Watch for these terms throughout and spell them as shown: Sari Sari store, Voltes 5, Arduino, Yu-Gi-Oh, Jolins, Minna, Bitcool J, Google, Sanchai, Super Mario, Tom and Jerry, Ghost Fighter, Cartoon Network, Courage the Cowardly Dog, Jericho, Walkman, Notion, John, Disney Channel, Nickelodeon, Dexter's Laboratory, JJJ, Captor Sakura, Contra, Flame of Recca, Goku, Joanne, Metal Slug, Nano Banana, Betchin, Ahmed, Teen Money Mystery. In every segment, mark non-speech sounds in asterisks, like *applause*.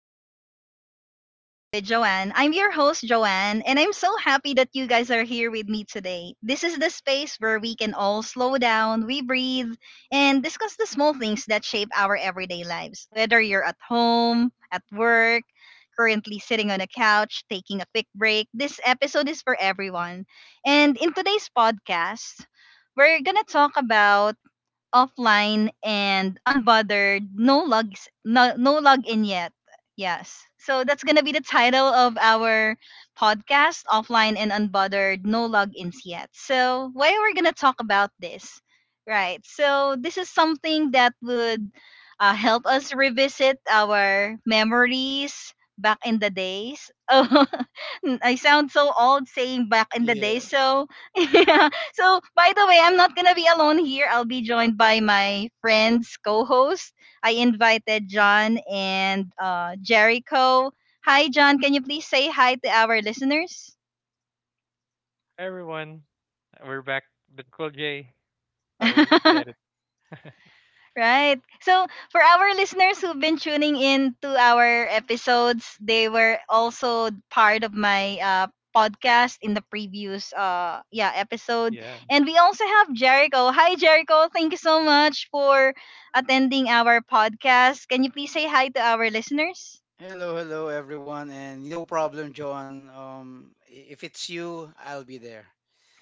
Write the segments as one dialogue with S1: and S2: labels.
S1: welcome to Mindful Moments with Joanne. I'm your host, Joanne, and I'm so happy that you guys are here with me today. This is the space where we can all slow down, we breathe, and discuss the small things that shape our everyday lives. Whether you're at home, at work, currently sitting on a couch, taking a quick break, this episode is for everyone. And in today's podcast, we're gonna talk about offline and unbothered. No logs, no login yet. Yes. So that's gonna be the title of our podcast: offline and unbothered, no logins yet. So why we're gonna talk about this, right? So this is something that would help us revisit our memories back in the days. *laughs* Oh, I sound so old saying back in the day.
S2: Yeah.
S1: So *laughs* yeah. So, by the way, I'm not gonna be alone here. I'll be joined by my friends, co-host. I invited John and Jericho. Hi, John. Can you please say hi to our listeners?
S3: Everyone, we're back, Bitcool J. So excited.
S1: *laughs* Right. So for our listeners who've been tuning in to our episodes, they were also part of my podcast in the previous yeah episode.
S3: Yeah.
S1: And we also have Jericho. Hi Jericho, thank you so much for attending our podcast. Can you please say hi to our listeners?
S2: Hello, hello everyone, and no problem, John. If it's you, I'll be there.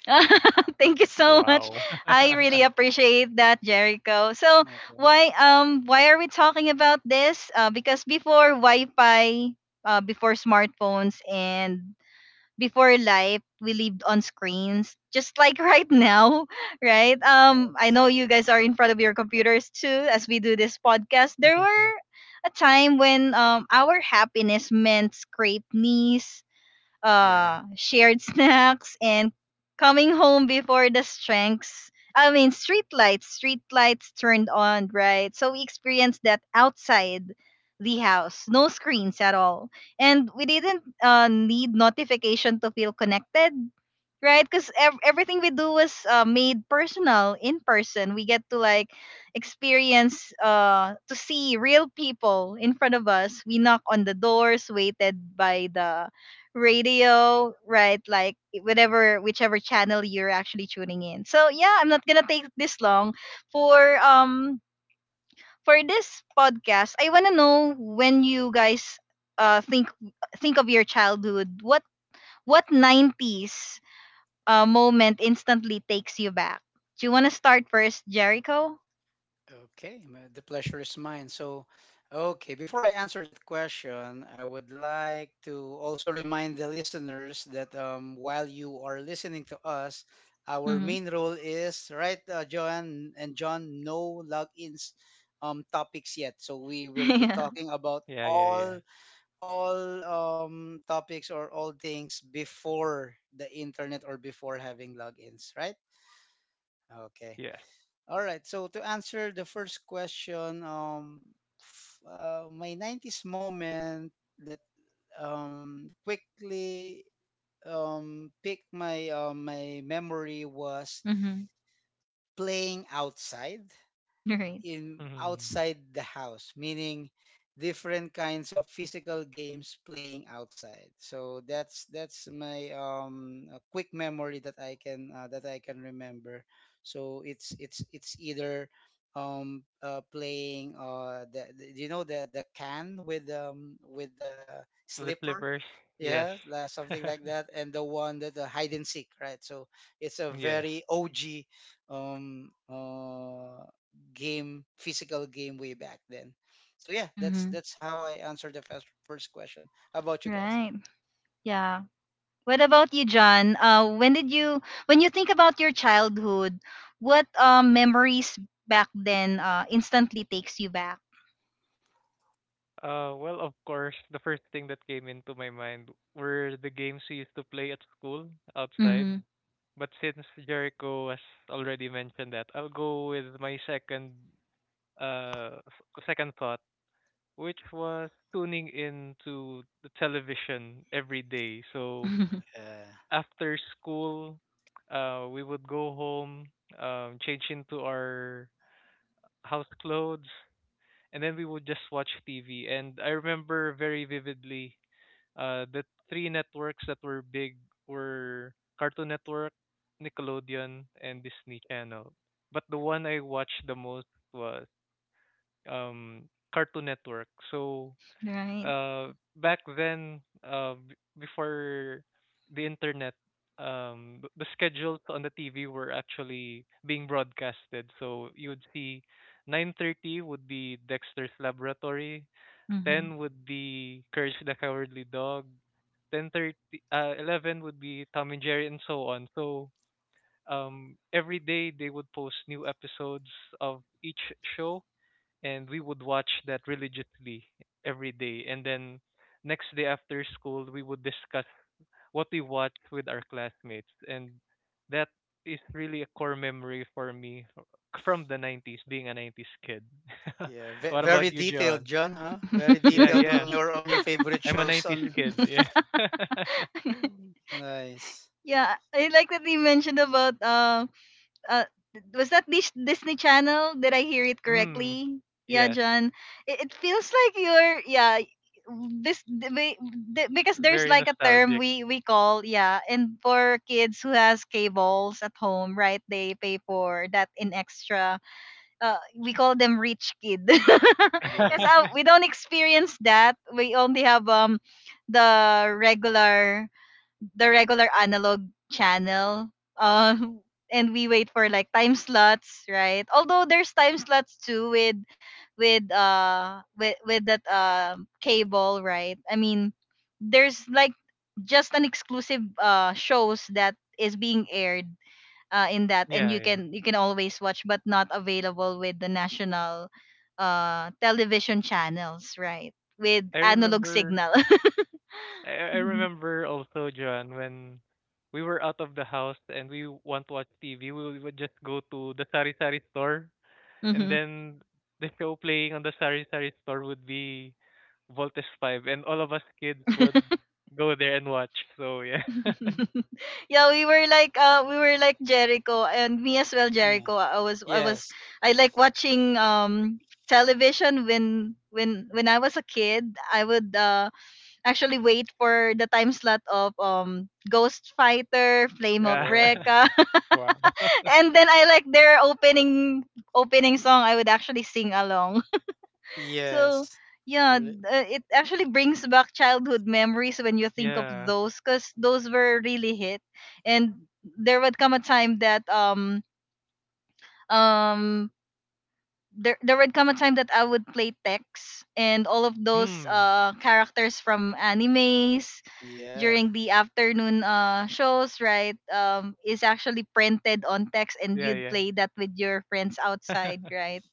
S1: *laughs* Thank you so much.
S3: Wow.
S1: I really
S3: *laughs*
S1: appreciate that, Jericho. So
S2: No problem.
S1: why are we talking about this? Because before Wi-Fi, before smartphones, and before life, we lived on screens, just like right now, *laughs* right?
S2: Uh,
S1: I know you guys are in front of your computers too, as we do this podcast. There were a time when our happiness meant scraped knees,
S3: Yeah.
S1: shared snacks, and coming home before the strengths. I mean, street lights turned on, right? So we experienced that outside the house, no screens at all, and we didn't need notification to feel connected, right? Because everything we do was made personal in person. We get to like experience to see real people in front of us. We knock on the doors, waited by the radio, right? Like whatever whichever channel you're actually tuning in. So yeah, I'm not gonna take this long for um for this podcast. I wanna know when you guys uh think think of your childhood. What nineties moment instantly takes you back? Do you wanna start first, Jericho?
S2: Okay, the pleasure is mine. Okay, before I answer that question, I would like to also remind the listeners that while you are listening to us, our
S1: Mm-hmm.
S2: main role is, right, John and John, no logins topics yet. So, we
S1: *laughs*
S2: will be
S1: yeah.
S2: talking about
S3: Yeah, yeah, yeah.
S2: all topics or all things before the internet or before having logins, right? Okay.
S3: Yes.
S2: All right. So to answer the first question, my 90s moment that quickly picked my my memory was
S1: Mm-hmm.
S2: playing outside
S1: Right.
S2: in
S3: Mm.
S2: outside the house, meaning different kinds of physical games playing outside. So that's my a quick memory that I can remember. So it's either playing the the can with the
S3: The
S2: slipper,
S3: slippers. Yes.
S2: yeah, like something like that, and the one that the hide and seek, right? So it's a
S3: *laughs* Yes.
S2: very OG um uh game, physical game way back then. So yeah, that's
S1: Mm-hmm.
S2: that's how I answered the first question. How about you guys?
S1: Right. Yeah. What about you, John? When you think about your childhood, what memories back then instantly takes you back?
S3: Well, of course, the first thing that came into my mind were the games we used to play at school outside.
S1: Hmm.
S3: But since Jericho has already mentioned that, I'll go with my second second thought, which was tuning in to the television every day. So
S1: *laughs*
S2: Yeah,
S3: after school, we would go home, change into our house clothes, and then we would just watch TV. And I remember very vividly the three networks that were big were Cartoon Network, Nickelodeon, and Disney Channel. But the one I watched the most was, um, Cartoon Network. So
S1: right.
S3: uh back then, before the internet, the schedules on the TV were actually being broadcasted, so you would see 9:30 would be Dexter's Laboratory,
S1: Hmm.
S3: 10 would be Courage the Cowardly Dog, 10:30, 11 would be Tom and Jerry, and so on. So every day they would post new episodes of each show, and we would watch that religiously every day. And then next day after school, we would discuss what we watched with our classmates. And that is really a core memory for me from the 90s, being a 90s kid. *laughs*
S2: yeah,
S3: What about
S2: very
S3: you,
S2: detailed,
S3: John?
S2: John, huh? Very
S3: Yeah,
S2: detailed
S3: yeah.
S2: on your favorite
S3: I'm a
S2: shows
S3: 90s
S2: on
S3: kid. Yeah. *laughs*
S1: *laughs*
S2: nice.
S1: yeah, I like that you mentioned about uh was that Disney Channel? Did I hear it
S3: Mm,
S1: correctly? Yeah,
S3: yes.
S1: John. It feels like you're, yeah, this th- we- th- because there's
S3: Very
S1: like a term
S3: nostalgic.
S1: we call, yeah, and for kids who has cables at home, right, they pay for that in extra. Uh, we call them rich kid. *laughs* Because
S2: Yeah.
S3: *laughs*
S1: we don't experience that. We only have the regular, the regular analog channel. Um, *laughs* and we wait for like time slots, right? Although there's time slots too with that cable, right? I mean, there's like just an exclusive shows that is being aired in that, and
S3: Yeah,
S1: you
S3: yeah.
S1: can, you can always watch, but not available with the national television channels, right? With
S3: I
S1: analog
S3: remember,
S1: signal. *laughs*
S3: I
S1: Mhm.
S3: remember also, John, when we were out of the house and we want to watch TV, we would just go to the Sari Sari store, and
S1: Mhm.
S3: then *laughs* the show playing on the Sari Sari store would be Voltes 5, and all of us kids would
S1: *laughs*
S3: go there and watch. So, yeah. *laughs*
S1: *laughs* yeah, we were like, Jericho and me as well,
S2: Yeah.
S1: Jericho. I was
S2: Yes.
S1: I like watching television when, when I was a kid, I would actually wait for the time slot of Ghost Fighter, Flame of
S3: Yeah. *laughs*
S2: Wow.
S1: Recca.
S3: Wow.
S1: *laughs*
S3: *laughs*
S1: And then I like their opening song. I would actually sing along. So
S2: Yes.
S1: yeah,
S2: Really?
S1: it actually brings back childhood memories when you think of
S3: Yeah.
S1: those, cause those were really hit, and there would come a time that um um there there would come a time that I would play Tex and all of those
S3: Mm.
S1: characters from animes
S2: Yeah.
S1: during the afternoon shows, right? Is actually printed on text, and
S3: Yeah,
S1: you'd
S3: yeah.
S1: play that with your friends outside,
S3: *laughs*
S1: right?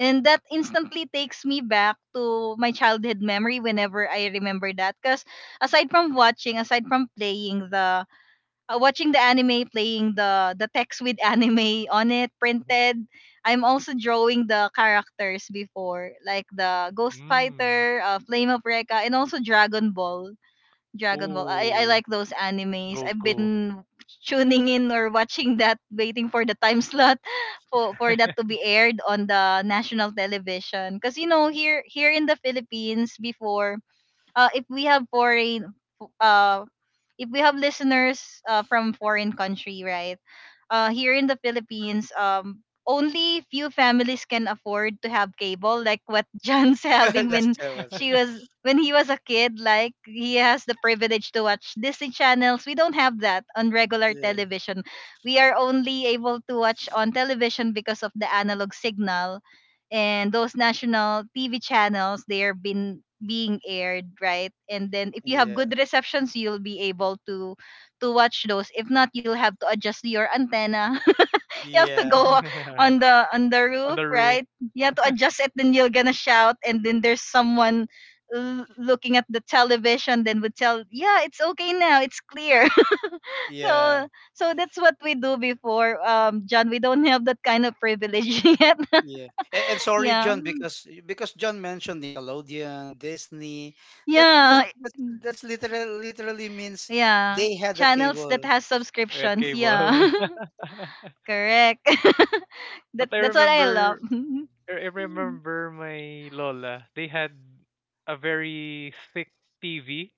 S1: And that instantly takes me back to my childhood memory whenever I remember that. Because aside from watching, aside from playing the watching the anime, playing the text with *laughs* anime on it printed, I'm also drawing the characters before, like the Ghost
S3: Mm.
S1: Fighter, Flame of Recca, and also Dragon Ball. Dragon Ball. I
S3: Oh,
S1: like those animes. I've
S3: Goku.
S1: been tuning in or watching that, waiting for the time slot *laughs* for that to
S3: *laughs*
S1: be aired on the national television. Because you know, here in the Philippines before, uh, if we have foreign uh if we have listeners, from foreign country, right? Here in the Philippines, only few families can afford to have cable, like what *laughs* John's
S2: *laughs*
S1: having when
S2: Last time was it?
S1: she was when he was a kid. Like he has the privilege to watch Disney channels. We don't have that on regular
S2: Yeah.
S1: television. We are only able to watch on television because of the analog signal and those national TV channels they are been being aired, right? And then if you have
S2: Yeah.
S1: good receptions, you'll be able to watch those. If not, you'll have to adjust your antenna. *laughs* You have to go
S2: Yeah.
S1: on the,
S3: On
S1: roof,
S3: the roof.
S1: right? You have to
S3: *laughs*
S1: adjust it, then you're gonna shout, and then there's someone looking at the television then would tell, yeah, it's okay now, it's clear. *laughs*
S2: Yeah.
S1: So, so that's what we do before, John. We don't have that kind of privilege *laughs* yet.
S2: Yeah. And sorry,
S1: Yeah.
S2: John, because John mentioned Nickelodeon, Disney. That that's
S1: Yeah.
S2: that's,
S1: Mm.
S2: that's literally means
S1: Yeah.
S2: they had a
S1: Channels that
S2: cable.
S1: has
S3: Red
S1: subscriptions. Yeah.
S3: cable. *laughs*
S1: *laughs* Correct. *laughs*
S3: But
S1: That that's what I love. *laughs*
S3: I remember my lola. They had a very thick TV.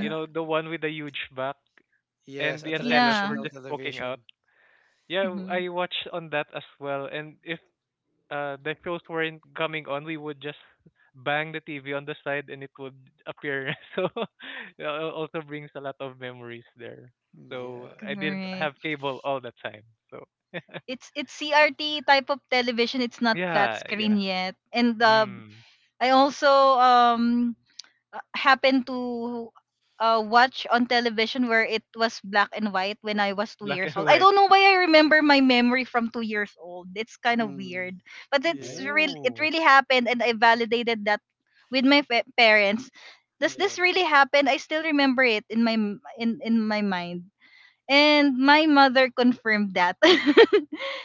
S3: You know, the one with the huge back,
S2: Yes,
S3: and the
S2: a
S3: antennas
S1: Yeah.
S3: were
S2: traditional
S3: just poking out.
S2: television.
S3: Yeah,
S1: Hmm.
S3: I watched on that as well. And if the shows weren't coming on, we would just bang the TV on the side, and it would appear. *laughs* So, yeah, it also brings a lot of memories there. So
S2: Yeah.
S3: I didn't have
S1: Correct.
S3: cable all the time. So. *laughs*
S1: It's CRT type of television. It's not flat
S3: Yeah,
S1: screen
S3: yeah.
S1: yet. And
S3: Mm.
S1: I also, um happened to, watch on television where it was black and white when I was two
S3: Black
S1: years
S3: and
S1: old. I
S3: white.
S1: don't know why I remember my memory from 2 years old. It's kind of
S2: Mm.
S1: weird, but it's
S2: Yeah.
S1: real. It
S3: Ooh.
S1: really happened, and I validated that with my parents. Does this
S2: Yeah.
S1: really happen? I still remember it in my in my mind, and my mother confirmed that. *laughs*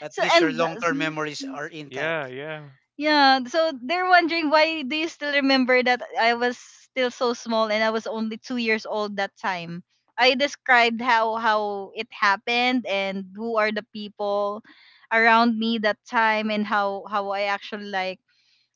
S2: At
S1: So
S2: least your
S1: and
S2: long-term memories are
S3: Yeah,
S2: intact.
S3: yeah.
S1: yeah, so they're wondering why do you still remember that I was still so small and I was only 2 years old that time. I described how it happened and who are the people around me that time and how I actually like,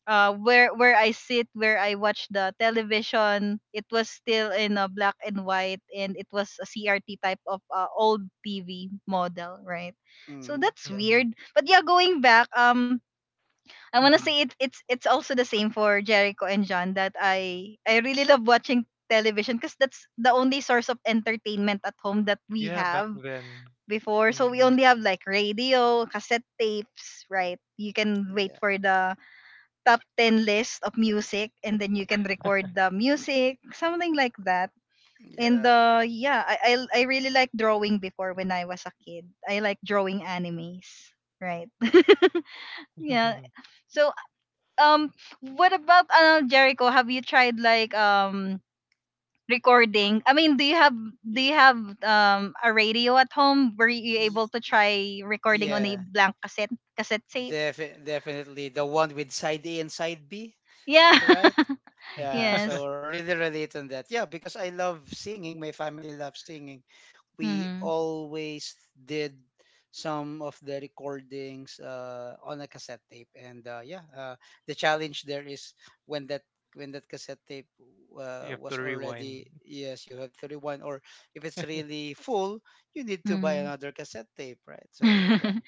S1: where I sit, where I watch the television. It was still in a black and white and it was a CRT type of old TV model, right? So
S2: Mm.
S1: that's
S2: Yeah.
S3: Mhm.
S1: weird. But yeah, going back, I wanna
S3: Mhm.
S1: say it. It's also the same for Jericho and John that I really love watching television because that's the only source of entertainment at home that we
S3: Yeah, back
S1: have
S3: then.
S1: before. So we
S3: Mm.
S1: only have like radio, cassette tapes, right? You can wait
S2: Yeah.
S1: for the top 10 list of music and then you can record the music, something like that. And
S2: Yeah.
S1: yeah, I really like drawing before when I was a kid. I like drawing animes, right? *laughs* Yeah. So um what about, Jericho? Have you tried like recording? I mean, do you have, do
S2: Y-
S1: you have a radio at home? Were you able
S2: y-
S1: to
S2: y-
S1: try recording on a
S2: Yeah.
S1: blank cassette tape?
S2: Definitely the one with side A and side B,
S1: Yeah.
S2: right?
S1: *laughs*
S2: Yeah, so
S3: *laughs*
S1: Yes.
S2: really relate on that. Yeah, because I love singing. My family loves singing. We
S1: Mhm.
S2: always did some of the recordings on a cassette tape, and the challenge there is when that when that cassette tape
S3: You have to
S2: was
S3: rewind.
S2: already, yes, you have to rewind, or if it's
S3: *laughs*
S2: really full, you need to buy
S1: Mhm.
S2: another cassette tape, right? So yeah,
S1: *laughs*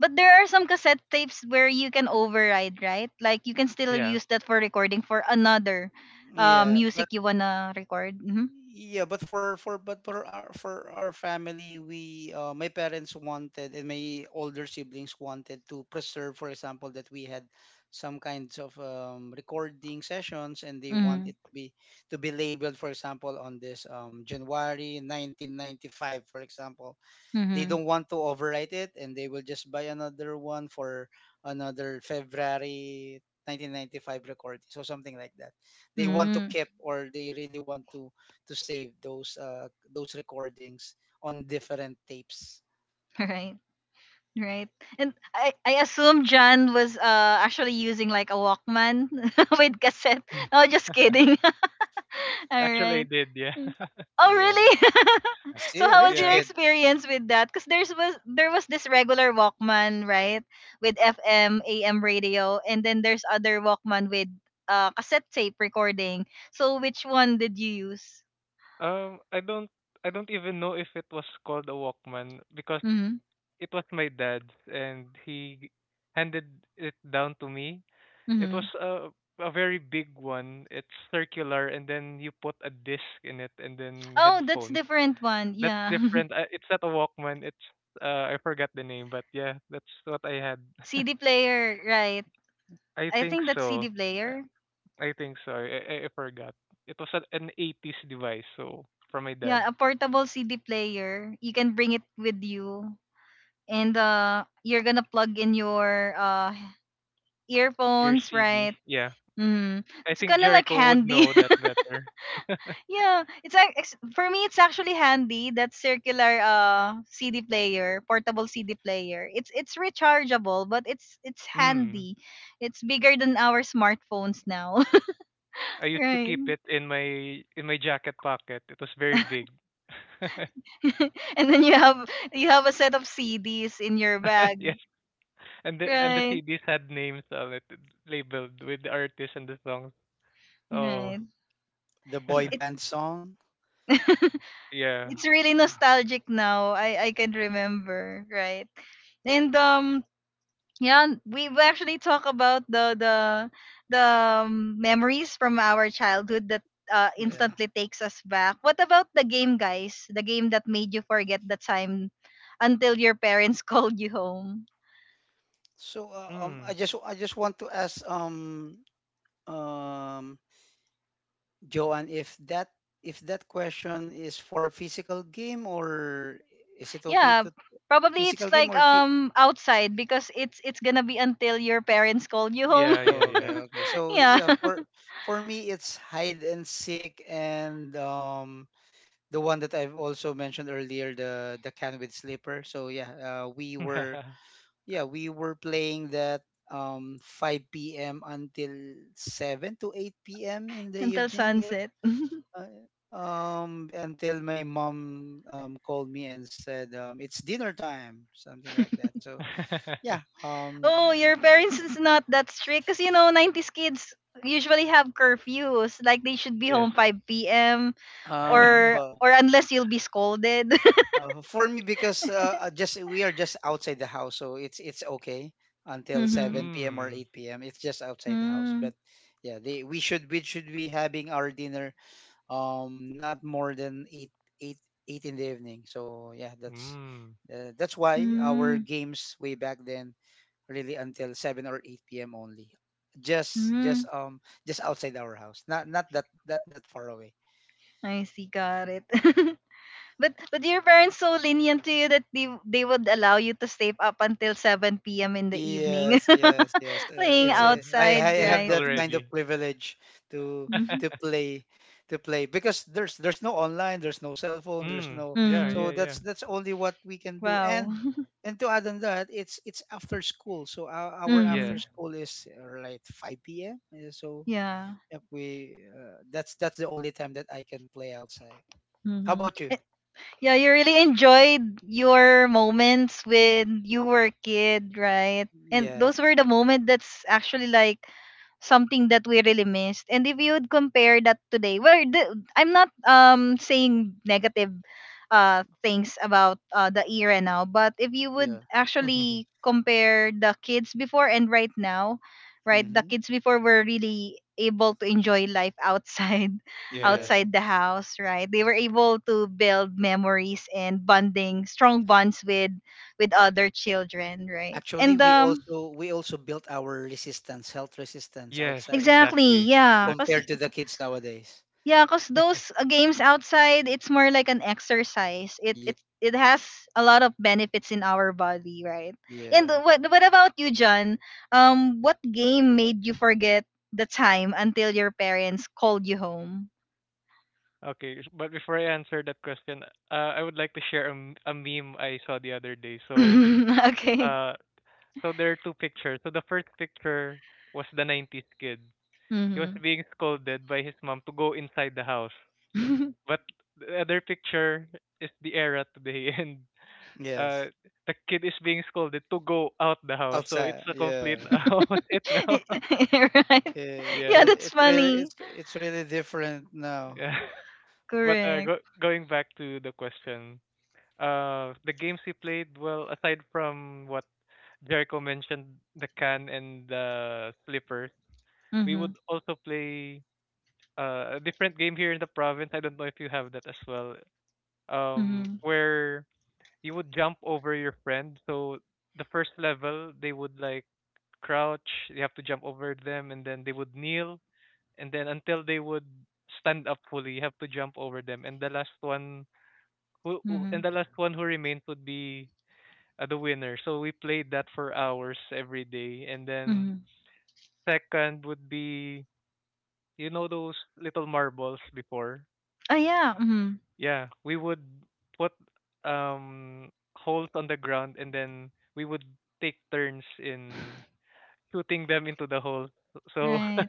S1: But there are some cassette tapes where you can override, right? Like you can still
S3: Yeah.
S1: use that for recording for another
S2: yeah, but
S1: music you wanna record. Mhm.
S2: yeah, but for our family, we my parents wanted and my older siblings wanted to preserve, for example, that we had some kinds of recording sessions, and they want
S1: Mhm.
S2: it to be labeled, for example, on this January 1995, for example, they
S1: Mhm.
S2: don't want to overwrite it, and they will just buy another one for another February 1995 recording, so something like that, they want to
S1: Mm-hmm.
S2: keep, or they really want to save those recordings on different tapes.
S1: *laughs* Right. Right. And, I assume John was actually using like a Walkman *laughs* with cassette.
S3: Mm.
S1: No, just
S3: *laughs*
S1: kidding. *laughs* All
S3: Actually, I
S1: right.
S3: did, yeah.
S1: Mm.
S3: *laughs*
S1: Oh,
S2: Yeah,
S1: really? *laughs*
S2: see,
S1: So how was
S2: rich
S1: your
S3: Yeah.
S2: kid.
S1: experience with that? Because there's was there was this regular Walkman, right? With FM, AM radio, and then there's other Walkman with cassette tape recording. So which one did you use?
S3: I don't, I don't even know if it was called a Walkman because
S1: Mm-hmm.
S3: it was my dad's, and he handed it down to me. It was
S1: Mm-hmm.
S3: a very big one. It's circular, and then you put a disc in it, and then
S1: Oh, that's
S3: headphone.
S1: different one.
S3: That's
S1: Yeah. *laughs*
S3: different. It's not a Walkman. It's, I forgot the name, but yeah, that's what I had.
S1: CD player, right.
S3: I
S1: I
S3: think
S1: think that's
S3: so.
S1: CD player.
S3: I think so. I forgot. It was a, an 80s device, so from my dad.
S1: Yeah, a portable CD player. You can bring it with you, and you're gonna plug in your
S3: Ear
S1: earphones,
S3: CD.
S1: right?
S3: Yeah.
S1: Mm.
S3: I
S1: It's
S3: think
S1: kind of like
S3: Jericho would
S1: handy.
S3: know that
S1: *laughs*
S3: better. *laughs*
S1: Yeah, it's like, for me, it's actually handy. That circular CD player, portable CD player. It's rechargeable, but it's
S3: Mm.
S1: handy. It's bigger than our smartphones now,
S3: I
S1: *laughs*
S3: used to
S1: right?
S3: keep it in my jacket pocket. It was very big. *laughs*
S1: *laughs* And then you have a set of CDs in your
S3: *laughs*
S1: bag.
S3: Yes, and the
S1: Right,
S3: CDs had names on it, labeled with the artist and the songs. Oh.
S1: right.
S2: The
S1: It,
S2: boy
S1: it
S3: *laughs*
S2: band song.
S1: *laughs*
S3: Yeah.
S1: it's really nostalgic now. I can remember, right? And um yeah, we actually talk about the memories from our childhood that
S2: Yeah,
S1: instantly takes us back. What about the game, guys? The game that made you forget the time until your parents *laughs* called you home.
S2: so uh, um i
S3: Mm.
S2: just i just want to ask um Joanne, if that question is for physical game or is it okay
S1: Yeah,
S2: to
S1: probably
S2: physical
S1: it's
S2: game
S1: like
S2: or fi-
S1: outside because it's gonna be until your parents called you home.
S3: Yeah, yeah, yeah.
S1: *laughs*
S2: okay, okay. So
S1: yeah.
S2: yeah, for me it's hide and seek, and the one that I've also mentioned earlier, the can with slipper. So yeah, we were, yeah, we were playing that 5 p.m. until 7 to 8 p.m. in the
S1: Until
S2: evening. Yep.
S1: sunset.
S2: Uh, until my mom called me and said it's dinner time, something like that. So
S3: *laughs*
S2: yeah,
S1: Oh,
S2: th-
S1: your
S2: uh,
S1: parents
S2: what-
S1: is not that strict because you know 90s kids usually have curfews. Like they should be
S3: Yes.
S1: home 5 p.m.
S2: um
S1: or
S3: *laughs*
S2: for
S1: or unless you'll be scolded.
S2: for me, because just we are just outside the house, so it's okay
S1: *laughs*
S2: until
S1: Mm-hmm.
S2: 7 p.m. or
S3: Mm.
S2: 8 p.m. It's just outside the house,
S1: Mm,
S2: but yeah, they, we should, we should be having our dinner not more than 8 8 in the evening. So yeah,
S3: Mm.
S2: that's why our
S1: mm,
S2: games way back then really until 7 or 8 p.m. only. Just just
S1: mm.
S2: um just outside our house. Not not that that that far away.
S1: I see, got it. *laughs* But your
S2: Uh,
S1: parents so lenient to you that they would allow you to stay up until 7 p.m. in the evening,
S2: Yes, yes, yes.
S1: *laughs* playing
S2: It's
S3: Yeah, that's
S1: outside,
S2: I
S3: late
S2: have
S1: right?
S2: that kind of
S3: already.
S2: privilege to
S1: Mm-hmm.
S2: to
S3: *laughs*
S2: play play because there's no online, there's no cell phone, there's
S3: Mm.
S2: no,
S3: Yeah,
S1: Mm-hmm.
S2: so
S3: yeah, yeah.
S2: that's only what we can do.
S1: Wow. *laughs*
S2: And to add on that, it's after school. So our
S3: Yes.
S1: Mm-hmm.
S2: after school is like 5 p.m. So
S1: Yeah.
S2: yep, we that's the only time that I can play outside. How
S1: Hmm.
S2: about you?
S1: Yeah, you really enjoyed your moments when you were a kid, right? And
S2: Yes.
S1: those were the moment that's actually like something that we really missed. And if you would compare that today, where the, I'm not saying negative things about the era now, but if you
S2: Yeah.
S1: would actually
S3: *laughs*
S1: compare the kids before and right now, right, the
S2: Mm-hmm.
S1: kids before were really able to enjoy life outside *laughs*
S3: Yes.
S2: Yeah.
S1: outside the house, right? They were able to build memories and bonding, strong bonds with other children, right?
S2: Actually,
S1: And
S2: we also built our resistance, health resistance
S3: Yes,
S2: outside
S1: exactly,
S3: exactly.
S1: yeah, cuz
S3: Exactly.
S2: compared to the kids nowadays.
S1: yeah, cause those games outside, it's more like an exercise. It
S2: Yeah.
S1: it it has a lot of benefits in our body, right? And
S2: Yeah.
S1: what about you, John? What game made you forget the time until your parents called you home?
S3: Okay, but before I answer that question, I would like to share a, a meme I saw the other day. So,
S1: *laughs* Okay.
S3: uh, so there are two pictures. So the first picture was the 90s kid. He was
S1: Mm-hmm.
S3: being scolded by his mom to go inside the house.
S1: *laughs*
S3: But the other picture is the era today, *laughs* and,
S2: Yes.
S3: uh, the kid is being scolded to go out the house. So it's
S2: Outside.
S3: a complete
S2: Yeah.
S3: *laughs* opposite now. *laughs*
S1: Right. Yeah,
S3: Yeah,
S1: that's funny.
S2: It's really different now.
S3: yeah. *laughs* But
S1: Correct.
S3: going back to the question, the games we played, well, aside from what Jericho mentioned, the can and the slippers, we would
S1: Mm-hmm.
S3: also play a different game here in the province. I don't know if you have that as well.
S1: Mm-hmm.
S3: Where you would jump over your friend. So the first level, they would like crouch. You have to jump over them, and then they would kneel, and then until they would stand up fully, you have to jump over them. And the last one
S1: Mm-hmm.
S3: who remains would be the winner. So we played that for hours every day. And then
S1: Mm-hmm.
S3: second would be, you know, those little marbles before.
S1: Oh yeah. Mm-hmm.
S3: Yeah, we would put um holes on the ground, and then we would take turns in shooting them into the hole. So
S1: Right.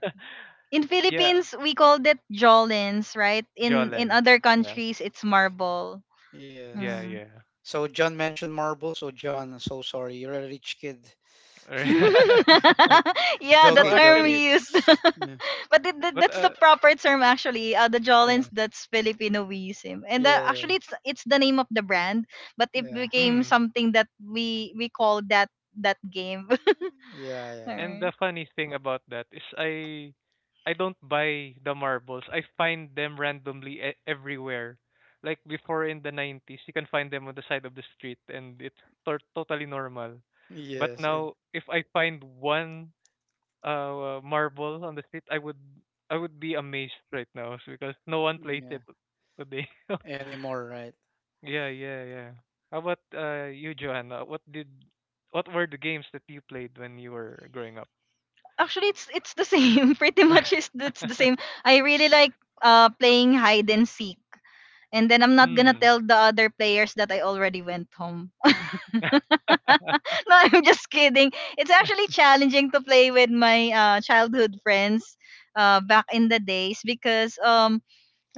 S1: In
S3: yeah,
S1: Philippines we called it Jolins, right? In
S3: Jolens.
S1: other
S3: Yeah,
S1: countries it's marble.
S3: yeah,
S2: Yes.
S1: Mm.
S3: yeah.
S2: So John mentioned marble. So John, so sorry, you're a rich kid.
S1: *laughs*
S3: *laughs*
S2: *laughs*
S1: yeah, the
S3: No,
S2: Joking,
S1: term
S2: joking.
S3: actually,
S1: we used.
S2: Yeah.
S1: *laughs* But it,
S3: but
S1: that's the proper term actually. The Jolins
S2: Yeah.
S1: that's Filipinoism. And the,
S2: Yeah. Yeah.
S1: actually it's the name of the brand, but it
S2: Yeah.
S1: became
S3: mm,
S1: something that we call that game. *laughs*
S2: Yeah. Yeah.
S3: and
S1: Alright.
S3: the funny thing about that is, I don't buy the marbles. I find them randomly everywhere. Like before in the 90s, you can find them on the side of the street, and it's totally normal. But
S2: Yes. And,
S3: now if I find one marble on the street, I would, I would be amazed right now because no one plays
S2: mm,
S3: it
S2: yeah.
S3: today. *laughs*
S2: Anymore, right?
S3: Yeah, yeah, yeah. How about you, Johanna? What did, what were the games that you played when you were growing up?
S1: Actually it's the same. *laughs* Pretty much it's the same.
S3: *laughs*
S1: I really like playing hide and seek. And then I'm not gonna
S3: Mm.
S1: tell the other players that I already went home. *laughs*
S3: *laughs*
S1: No, I'm just kidding. It's actually challenging to play with my childhood friends back in the days because um,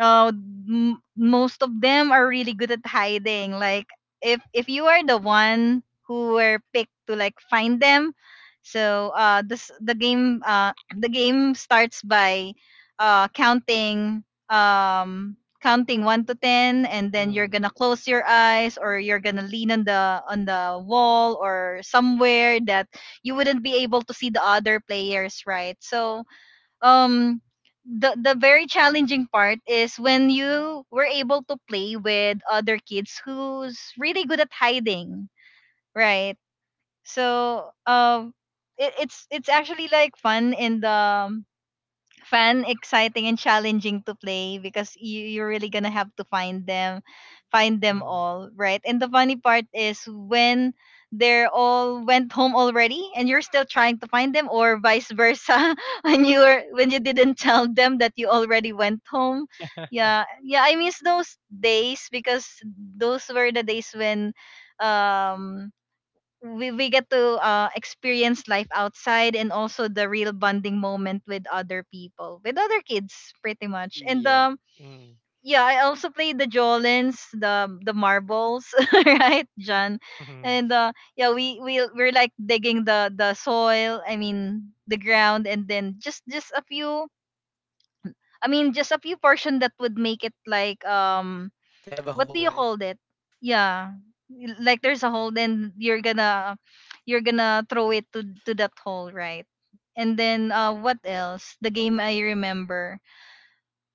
S1: uh, m- most of them are really good at hiding. Like if you are the one who were picked to like find them, so this the game *clears throat* the game starts by counting um counting one to ten, and then you're
S3: Mm,
S1: gonna close your eyes or you're gonna lean on the wall or somewhere that you wouldn't be able to see the other players, right? So um the very challenging part is when you were able to play with other kids who's really good at hiding, right. So it, it's actually like fun in the fun, exciting, and challenging to play because you, you're really gonna have to find them
S3: mm.
S1: all, right? And the funny part is when they're all went *laughs* home already and you're still trying to find them, or vice versa, *laughs* when you were when you didn't tell them that you already went home.
S3: *laughs*
S1: Yeah, yeah, I miss those days because those were the days when um we get to experience life outside and also the real bonding moment with other people, with other kids pretty much.
S2: Mm,
S1: And
S2: yeah.
S3: Mm,
S1: yeah, I also played the jolens, the marbles, *laughs* right John?
S3: mhm.
S1: And yeah, we're like digging the soil, I mean the ground, and then just a few I mean just a few portion that would make it like
S2: To have a
S1: what do
S2: hole,
S1: you
S2: right?
S1: call it? Yeah, like there's a hole, then you're gonna throw it to that hole, right? And then what else? The game I remember.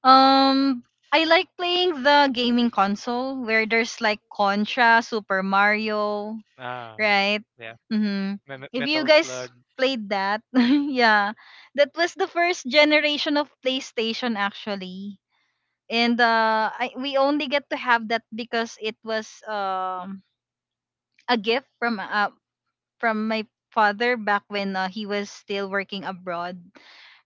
S1: Um, I like playing the gaming console where there's like Contra, Super Mario,
S3: Ah,
S1: right?
S3: yeah.
S1: Mm-hmm.
S3: Me
S1: If you
S3: metal
S1: guys
S3: slug.
S1: played that, *laughs* yeah, that was the first generation of PlayStation actually. We only get to have that because it was a gift from my father back when he was still working abroad,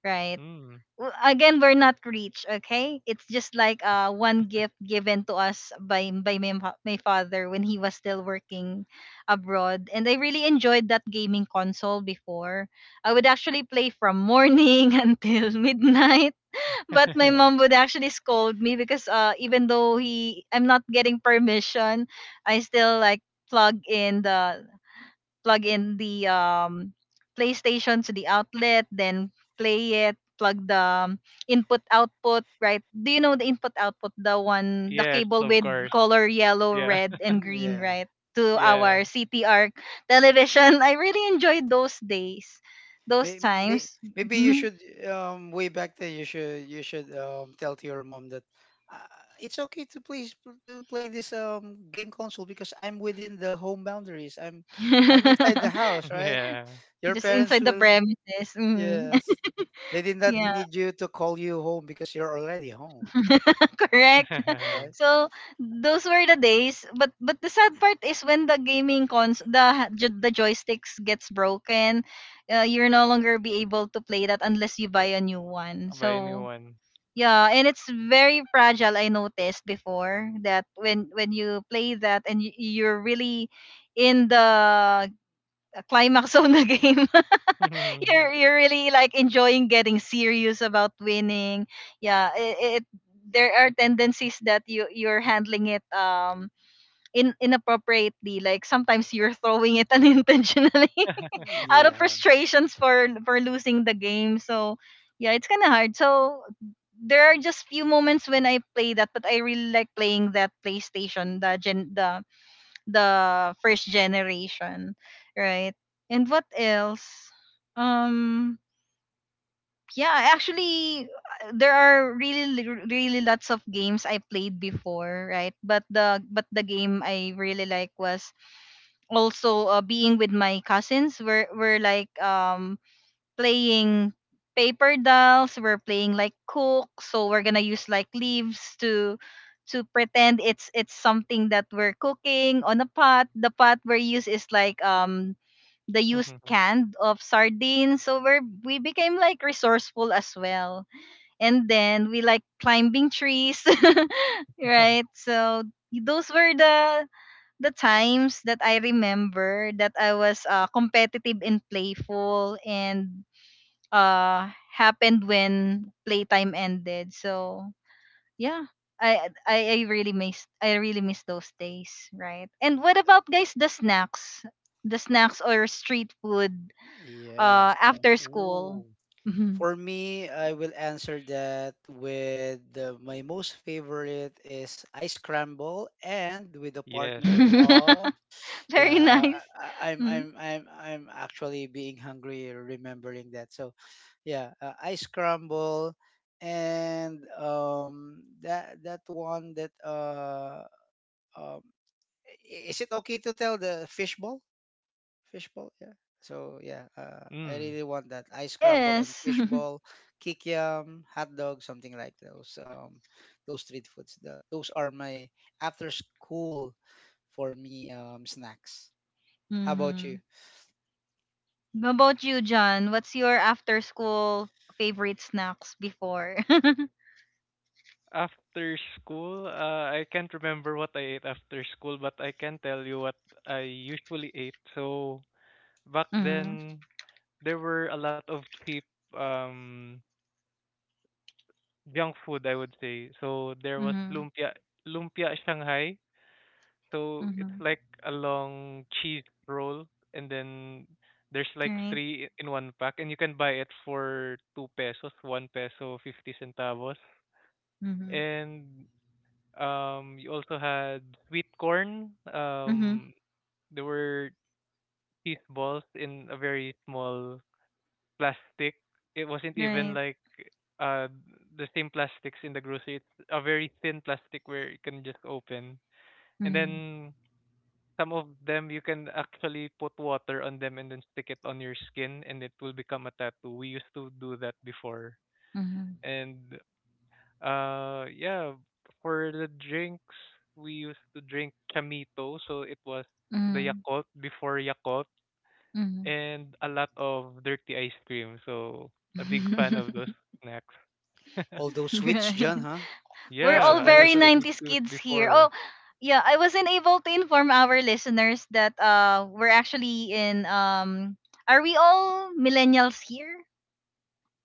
S1: right?
S3: Mm.
S1: W- Again, we're not rich, okay? It's just like one gift given to us by my father when he was still working abroad, and I really enjoyed that gaming console before. I would actually play from morning *laughs* until midnight, but my
S2: Yeah.
S3: *laughs*
S1: mom would actually scold me because even though he I'm not getting permission, I still like plug in the plug in the PlayStation to the outlet, then play it, plug the input output, right? Do you know the input output, the one the
S3: Yes,
S1: cable
S3: of
S1: with
S3: course.
S2: Yeah.
S1: color yellow,
S3: Yeah.
S1: red
S3: *laughs*
S1: and green,
S2: Yeah.
S1: right? To
S3: Yeah.
S1: our CTR television. *laughs* I really enjoyed those days. Those
S2: May,
S1: times.
S2: maybe
S1: *laughs*
S2: you should way back then, you should, you should tell to your mom that uh, it's okay to please to play this game console because I'm within the home boundaries. I'm inside the
S3: *laughs*
S2: house,
S1: *laughs*
S2: right?
S3: Yeah.
S2: Your
S1: Just
S2: parents
S1: inside the
S2: will,
S1: premises. Mm.
S2: yes.
S1: *laughs*
S2: They did not
S1: Yeah.
S2: need you to call you home because you're already home,
S1: *laughs* Correct. *laughs*
S3: *laughs*
S2: right?
S1: So those were the days, but the sad part is when the gaming cons the jo- the joysticks gets broken, you're no longer be able to play that unless you buy a new one.
S3: I'll buy a new
S1: So
S3: one.
S1: yeah, and it's very fragile. I noticed before that when you play that and you, you're really in the climax *laughs* of the game,
S3: *laughs*
S1: you're really like enjoying getting serious about winning. Yeah, it there are tendencies that you you're handling it in inappropriately. Like sometimes you're throwing it *laughs* unintentionally
S2: Mm,
S1: *laughs* out of
S2: yeah.
S1: frustrations for losing the game. So yeah, it's kind of hard. So there are just few moments when I play that, but I really like playing that PlayStation, the first generation, right? And what else? Um, yeah actually there are really li- really lots of games I played before, right? But the but the game I really like was also being with my cousins. We're like playing paper dolls, we're playing like cook, so we're gonna use like leaves to pretend it's something that we're cooking on a pot. The pot we use is like the used
S3: *laughs*
S1: can of sardines, so we're we became like resourceful as well. And then we like climbing trees. *laughs* Right, so those were the times that I remember that I was competitive and playful, and happened when playtime ended. So yeah, I really miss, I really miss those days, right? And what about guys the snacks? The snacks or street food
S2: Yes.
S1: after school?
S3: Ooh.
S1: Mhm.
S2: For me, I will answer that with the, my most favorite is ice scramble and with the
S3: Yes.
S2: partner of,
S1: *laughs*
S2: yeah,
S1: Very nice.
S2: I,
S1: Mm-hmm.
S2: I'm actually being hungry remembering that. So yeah, ice scramble and that that one that um is it okay to tell the fishball? Fishball, yeah. So yeah, I
S3: Mm.
S2: really want that. Ice crumble and
S1: Yes. *laughs*
S2: fishball, kikiam, hot dog, something like those. Those street foods. The, those are my after school for me snacks. How about you?
S1: Hmm. How about you, John? What's your after school favorite snacks before?
S3: After school, I can't remember what I ate after school, but I can tell you what I usually ate. So back
S1: *laughs* Mm-hmm.
S3: then, there were a lot of cheap um junk food, I would say. So there was
S1: Mm-hmm.
S3: lumpia, lumpia Shanghai. So it's
S1: Mm-hmm.
S3: like a long cheese roll, and then there's like
S1: Right.
S3: three in one pack, and you can buy it for 2 pesos, 1 peso 50 centavos.
S1: Mm-hmm.
S3: And you also had sweet corn.
S1: Mm-hmm.
S3: There were cheese balls in a very small plastic. It wasn't even
S1: Right.
S3: like uh the same plastics in the grocery. It's a very thin plastic where you can just open. And
S1: Mm-hmm.
S3: then some of them you can actually put water on them, and then stick it on your skin, and it will become a tattoo. We used to do that before.
S1: Mm-hmm.
S3: And yeah, for the drinks, we used to drink chamito, so it was the Yakult before Yakult,
S1: Mm-hmm.
S3: and a lot of dirty ice cream. So a big fan of those
S1: *laughs*
S3: snacks. *laughs*
S2: All those sweets,
S1: Right.
S2: John, huh?
S1: We're
S2: Most
S1: all
S3: Yeah,
S2: of
S3: I
S2: them are
S3: was
S1: very
S3: a
S2: sweet.
S3: sweet
S1: 90s
S3: tooth
S1: kids here. Oh,
S3: before.
S1: yeah, I wasn't able to inform our listeners that we're actually in are we all millennials here?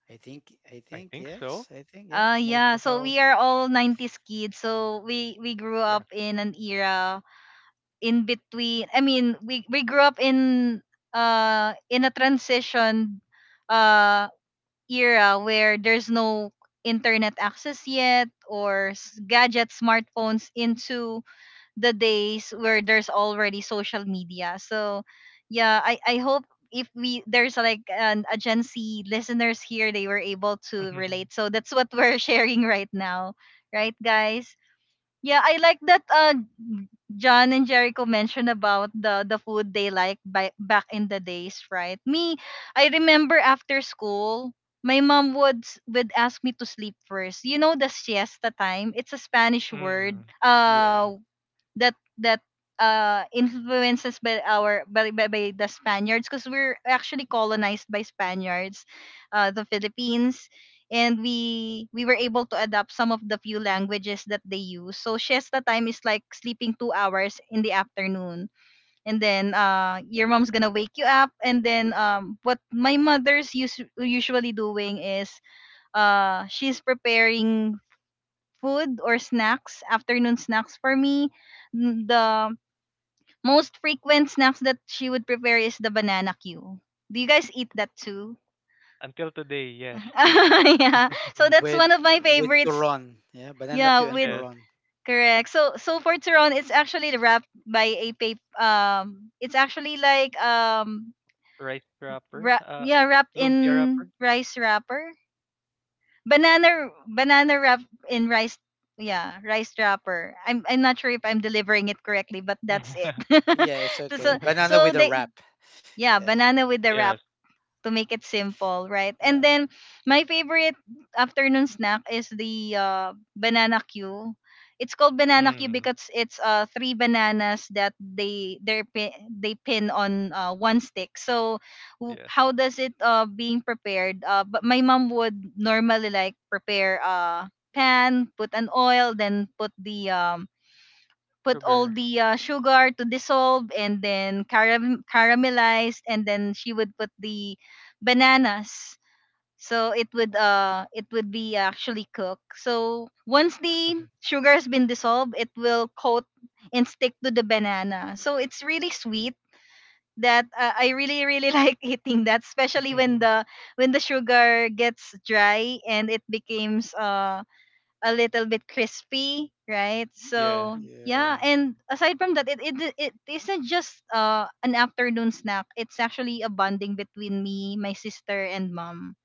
S2: I think, I
S3: I
S2: think,
S3: think so.
S2: yes, I think, yeah. Most
S1: Yeah,
S2: of
S1: so
S2: our,
S1: we are all 90s kids. So we grew
S3: Yeah.
S1: up in an era in between, I mean, we grew up in a transition uh era where there's no internet access yet, or gadgets, smartphones, into the days where there's already social media. So yeah, I hope if we there's like an a Gen Z listeners here, they were able to relate.
S3: *laughs*
S1: So that's what *laughs* we're sharing right now. Right guys? Yeah, I like that John and Jericho mentioned about the food they like by, back in the days, right? Me, I remember after school my mom would would ask me to sleep first. You know the siesta time? It's a Spanish word.
S3: Mm.
S2: yeah,
S1: That that influences by our by the Spaniards because we're actually colonized by Spaniards, the Philippines, and we were able to adapt some of the few languages that they use. So siesta time is like sleeping 2 hours in the afternoon, and then your mom's going to wake you up, and then what my mother's usually doing is she's preparing food or snacks, afternoon snacks for me. The most frequent snacks that she would prepare is the banana Q. Do you guys eat that too?
S3: Until today, yes.
S1: *laughs* Yeah.
S3: *laughs*
S1: So that's
S2: with
S1: one of my
S2: with
S1: favorites.
S2: turon, yeah, banana Q
S1: Yeah,
S2: and
S1: with
S3: Yes,
S2: turon.
S1: correct. So so for Turon, it's actually wrapped by a paper. It's actually like
S3: rice wrapper.
S1: wrap, yeah, wrapped
S3: Lumpia
S1: in
S3: wrapper.
S1: rice wrapper. Banana banana wrap in rice. Yeah, rice wrapper. I'm not sure if I'm delivering it correctly, but that's it.
S3: *laughs*
S1: *laughs*
S2: Yeah, it's okay. Banana with a
S1: They
S2: wrap.
S1: yeah,
S2: Yeah,
S1: banana with the wrap
S3: Yes.
S1: to make it simple, right? And
S2: yeah,
S1: then my favorite afternoon snack is the banana cue. It's called banana cue
S3: Mm.
S1: because it's three bananas that they pin, they pin on one stick. So
S3: Yes.
S1: how does it being prepared? But my mom would normally like prepare a pan, put an oil, then put all
S3: Sugar.
S1: the sugar to dissolve and then caramelized, and then she would put the bananas. So it would be actually cooked. So once the sugar has been dissolved, it will coat and stick to the banana, so it's really sweet. That I really really *laughs* like eating that, especially
S3: *laughs*
S1: when the sugar gets dry and it becomes a little bit crispy, right?
S3: Yes.
S1: So yeah,
S2: yeah,
S1: and aside from that, it isn't just an afternoon snack. It's actually a bonding between me, my sister, and mom,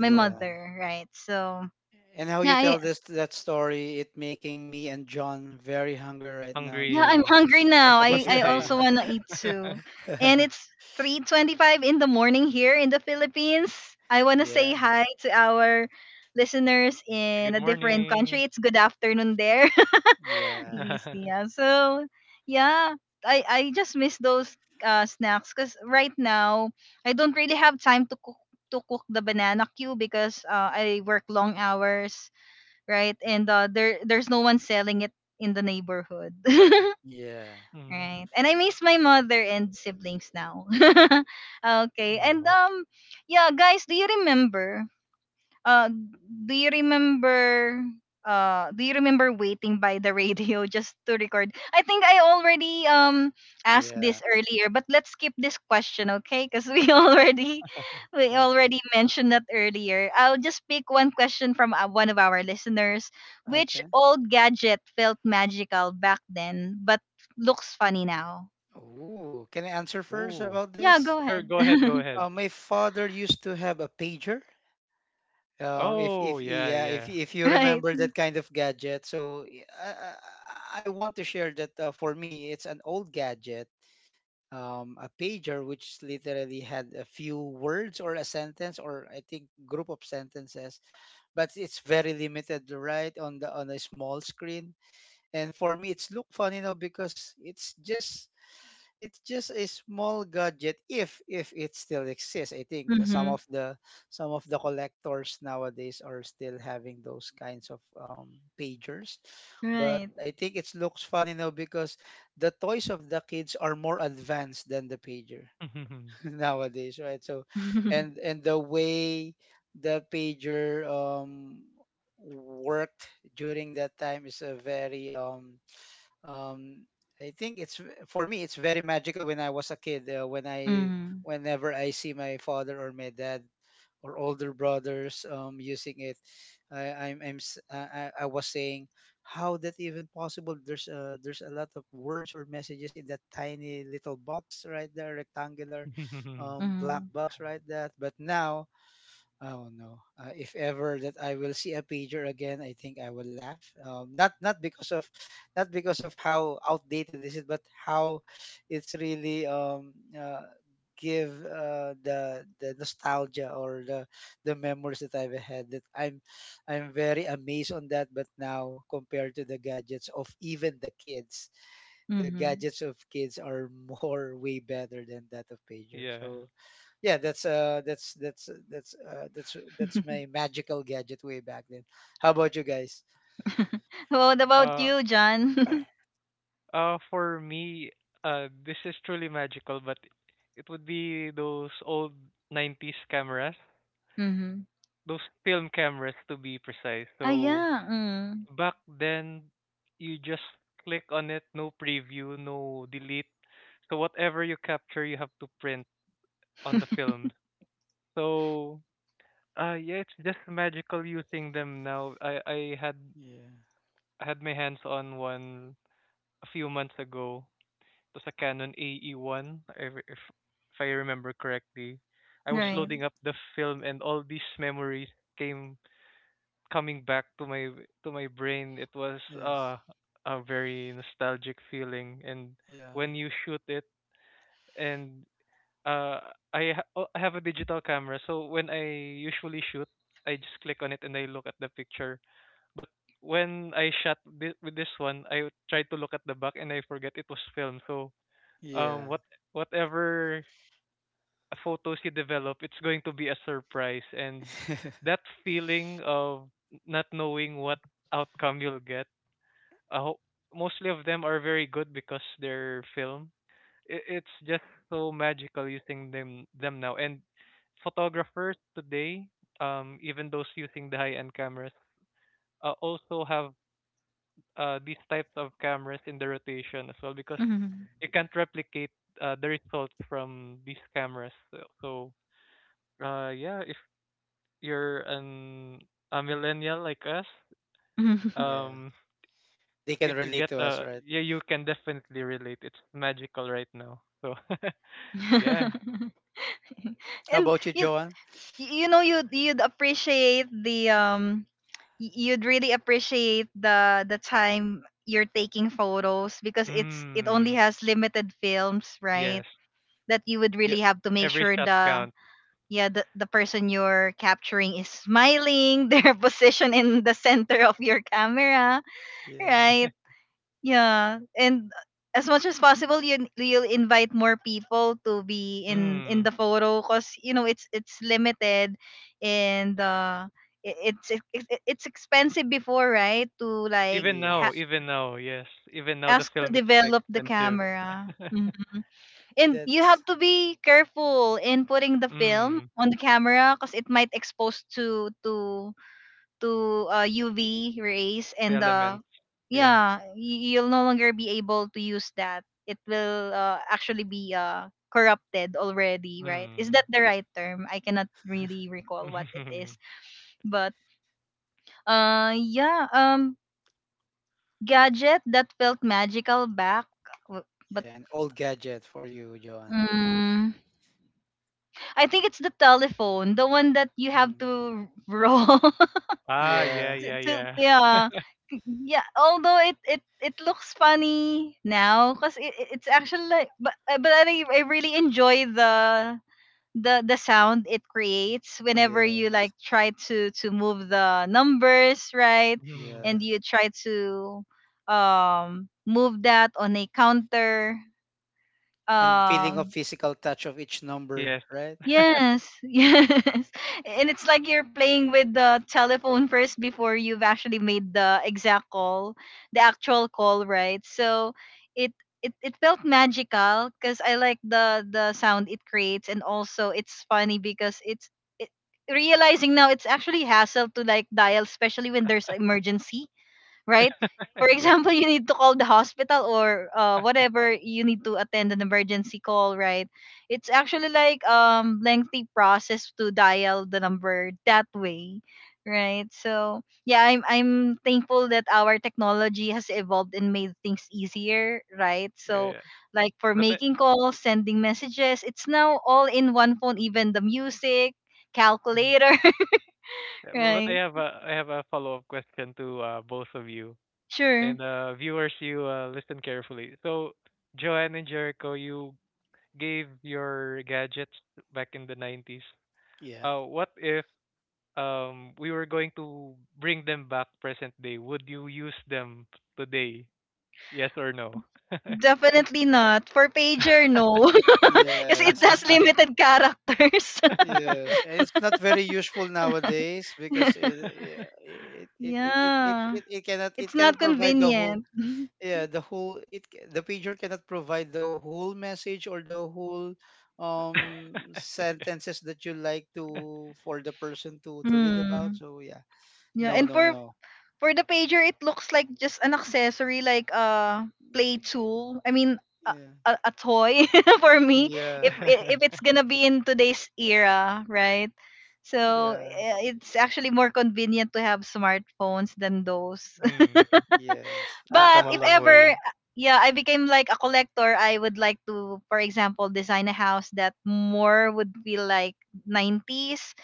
S1: my
S3: Oh,
S1: mother, right? So
S2: And how
S1: yeah,
S2: you tell this that story, it making me and John very hungry right now,
S1: yeah, I'm
S2: John.
S3: hungry.
S1: hungry
S3: I was
S1: now.
S3: about
S1: I
S2: *laughs*
S3: to
S1: I
S2: Yeah.
S3: say,
S1: also wanna eat too,
S3: *laughs*
S1: and
S2: *laughs*
S1: it's. 3:25 in the morning here in the Philippines. I want to say
S2: Yeah.
S1: hi to our listeners
S3: good
S1: in a different
S3: morning.
S1: country. It's good afternoon there. *laughs*
S2: Yeah.
S1: Yes, Tia.
S3: *laughs*
S1: So, yeah, I just miss those snacks because right now I don't really have time to cook the banana queue because I work long hours, right? And there's no one selling it in the neighborhood. *laughs*
S2: Yeah.
S3: Mm.
S1: Right. And I miss my mother and siblings now. *laughs* Okay. And
S3: Aw.
S1: Yeah, guys, do you remember? uh do you remember do you remember waiting by the radio *laughs* just to record? I think I already asked this
S2: Yeah.
S1: earlier, but let's skip this question, okay, because we *laughs*
S2: Okay.
S1: already mentioned that earlier. I'll just pick one question from one of our listeners. Which
S2: Okay.
S1: old gadget felt magical back then but looks funny now?
S2: Ooh, can I answer first
S3: Oh.
S2: about
S1: Yeah, go
S2: this?
S3: Sure,
S1: ahead.
S3: go ahead, go
S1: *laughs*
S3: ahead.
S2: My father used to have a pager.
S3: Oh,
S2: If
S3: yeah,
S2: yeah,
S3: yeah.
S2: if you
S1: Right.
S2: remember that kind of gadget, so I want to share that, for me, it's an old gadget, a pager, which literally had a few words or a sentence or I think group of sentences, but it's very limited, right, on the on a small screen. And for me, it's look funny now because it's just a small gadget, if it still exists. I think
S1: Mm-hmm.
S2: some of the collectors nowadays are still having those kinds of pagers, but
S1: Right.
S2: I think it looks funny now because the toys of the kids are more advanced than the pager *laughs*
S3: *laughs*
S2: nowadays, right? So,
S1: *laughs* Mm-hmm.
S2: and the way the pager worked during that time is a very um I think it's for me it's very magical when I was a kid,
S1: Mm-hmm.
S2: whenever I see my father or my dad or older brothers using it. I, I'm s- I was saying, how that even possible? There's there's a lot of words or messages in that tiny little box right there, rectangular black box right there. But now, oh no! If ever that I will see a pager again, I think I will laugh. Not because of how outdated this is, but how it's really give the nostalgia or the memories that I've had. That I'm very amazed on that. But now compared to the gadgets of even the kids, the
S1: Mm-hmm.
S2: gadgets of kids are *laughs* more way better than that of pager.
S3: Yeah.
S2: So yeah, that's my magical gadget way back then. How about you guys?
S1: *laughs* What about
S3: Uh,
S1: you, John? *laughs*
S2: *clears throat*
S3: for me, this is truly magical, but it would be those old 90s cameras,
S1: Mm-hmm.
S3: those film cameras, to be precise.
S1: Ah,
S3: So
S1: yeah. Mm,
S3: back then, you just click on it, no preview, no delete. So whatever you capture, you have to print on the film. So yeah, it's just magical using them now. I had
S2: Yeah.
S3: I had my hands on one a few months ago. It was a Canon AE1, if if I remember correctly. I was
S2: Yeah.
S1: right.
S3: loading up the film, and all these memories came coming back to my, to my brain. It was
S2: Yes.
S3: a very nostalgic feeling. And
S2: Yeah.
S3: when you shoot it, and uh oh, I have a digital camera, so when I usually shoot I just click on it and I look at the picture. But when I with this one, I tried to look at the back, and I forget it was film. So
S2: Yeah.
S3: what, whatever photos you develop, it's going to be a surprise, and
S2: *laughs*
S3: that feeling of not knowing what outcome you'll get. I hope mostly of them are very good because they're film. It's just so magical using them now, and photographers today, even those using the high end cameras, also have these types of cameras in the rotation as well, because
S1: Mm-hmm.
S3: you can't replicate the results from these cameras. So, so yeah, if you're an, a millennial like us,
S1: *laughs*
S2: yeah.
S3: um,
S2: They can
S3: if you
S2: relate
S3: get
S2: to us, right?
S3: yeah, you can definitely relate. It's magical right now. So *laughs* yeah.
S2: How
S1: And
S2: about you,
S1: you,
S2: Joan?
S1: you know, you'd appreciate the you'd really appreciate the time you're taking photos because it only
S3: Mm.
S1: has limited films, right?
S3: Yes.
S1: That you would
S3: Yeah.
S1: really have to make
S3: Every
S1: sure
S3: shot
S1: the
S3: count.
S1: yeah the person you're capturing is smiling *laughs* their position in the center of your camera.
S2: Yeah.
S1: Right. Yeah. And as much as possible, you'll invite more people to be in
S3: Mm.
S1: the photo because you know it's limited, and it's expensive before, right? To like
S2: Yes.
S3: Even now, yes. Even now the
S1: ask to
S3: film is
S1: develop the
S3: expensive.
S1: camera. Mhm. And you
S2: That's
S1: have to be careful in putting the
S3: *laughs*
S1: film
S3: Mm.
S1: on the camera because it might expose to UV rays
S3: The
S1: and
S3: elements. Yeah.
S1: yeah, you'll no longer be able to use that. It will actually be corrupted already, right? Is
S3: Mm.
S1: that the right term? I cannot really
S2: *laughs*
S1: recall what it is.
S3: *laughs*
S1: But yeah, gadget that felt magical back w- but
S2: yeah, an old gadget for you, Joan.
S1: Mm, I think it's the telephone, the one that you have
S2: Mm.
S1: to roll *laughs*
S3: Ah, yeah,
S2: Yeah.
S3: yeah,
S1: to
S3: yeah.
S1: yeah yeah, although it looks funny now because it's actually like but I really enjoy the sound it creates whenever you
S2: Yeah.
S1: like try to move the numbers, right? And
S3: Mm.
S1: you
S2: Yes.
S1: try to move that on a counter
S2: And the feeling of
S1: um.
S2: physical touch of each number,
S3: Yes.
S2: right?
S3: *laughs*
S1: Yes, *laughs* yes. And it's like you're playing with the telephone first before you've actually made the actual call, right? So it it felt magical because I like the sound it creates, and also it's funny because it, realizing now, it's actually hassle to like dial, especially when there's emergency, right? For
S3: Yeah,
S1: example, you need to call the hospital, or whatever, you need to attend an emergency call, right? It's actually like lengthy process to dial the number that way, right? So yeah, I'm thankful that our technology has evolved and made things easier, right?
S3: yeah,
S1: So
S3: yeah.
S1: like for
S3: But I
S1: making calls, sending messages, it's now all in one phone, even the music,
S3: mhm.
S1: calculator, *laughs*
S3: But I
S1: right?
S3: have a, I have a follow-up question to both of you.
S1: Sure.
S3: And viewers, you listen carefully. So, Joanne and Jericho, you gave your gadgets back in the 90s.
S2: Yeah.
S3: What if we were going to bring them back present day? Would you use them today? Yes or no?
S1: Definitely not. For pager, no.
S3: *laughs*
S1: *laughs* Kasi it
S2: Yes.
S1: has limited characters.
S2: Yes, and it's not very useful nowadays because it
S1: *laughs*
S2: yeah, it it it it it,
S1: Yeah.
S2: it it cannot, it
S1: It's not
S2: cannot provide the whole,
S1: convenient. *laughs*
S2: yeah, the pager cannot provide the whole message or the whole sentences that you like to for the person to read about.
S1: Hmm.
S2: So yeah,
S1: Yeah,
S2: no,
S1: and
S2: no, no.
S1: for the pager, it looks like just an accessory, like a play tool. I mean, a,
S2: Mm,
S1: a toy *laughs* for me.
S2: yeah,
S1: If it's gonna be in today's era, right? So
S2: yeah,
S1: eh, it's actually more convenient to have smartphones than those.
S3: Mm,
S2: yeah, yes,
S3: we've
S1: But
S3: come a
S1: if
S3: long
S1: ever,
S3: way.
S1: yeah, I became like a collector, I would like to, for example, design a house that more would be like 90s.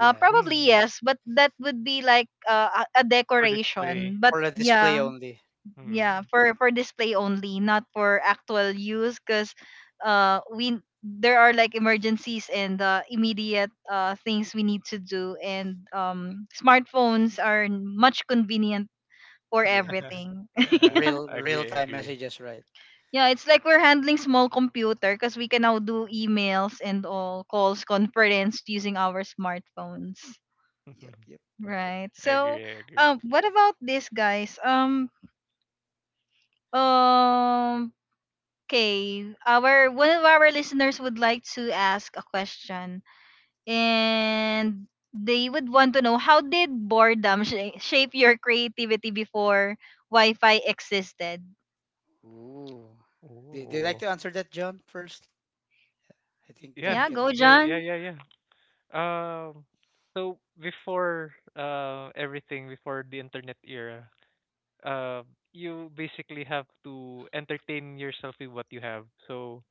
S1: Probably
S3: Mm,
S1: yes, but that would be like a
S3: for
S1: decoration.
S3: display.
S2: for
S1: But
S2: the display
S1: yeah,
S2: only.
S3: Mm.
S1: yeah, for display only, not for actual use, because we there are like emergencies and immediate things we need to do, and smartphones are much convenient for
S2: Yes,
S3: *laughs*
S1: everything.
S3: Yeah,
S1: *laughs*
S2: real
S3: I
S2: real
S3: agree, I
S2: time
S3: agree.
S2: messages, right?
S1: Yeah, it's like we're handling small computer because we can now do emails and all calls, conference using our smartphones.
S2: Yep, yep.
S3: *laughs*
S1: Right.
S3: I
S1: So,
S3: agree, I agree.
S1: what about this, guys? Um, okay. Our One of our listeners would like to ask a question, and they would want to know, how did boredom shape your creativity before Wi-Fi existed?
S2: Ooh. Do, do you like
S3: Oh,
S2: to answer that, John, first? I think
S3: yeah,
S2: John
S1: Yeah,
S2: can
S1: go,
S2: answer.
S3: yeah,
S1: John.
S3: yeah, yeah, yeah. Um, so before everything, before the internet era, uh, you basically have to entertain yourself with what you have. So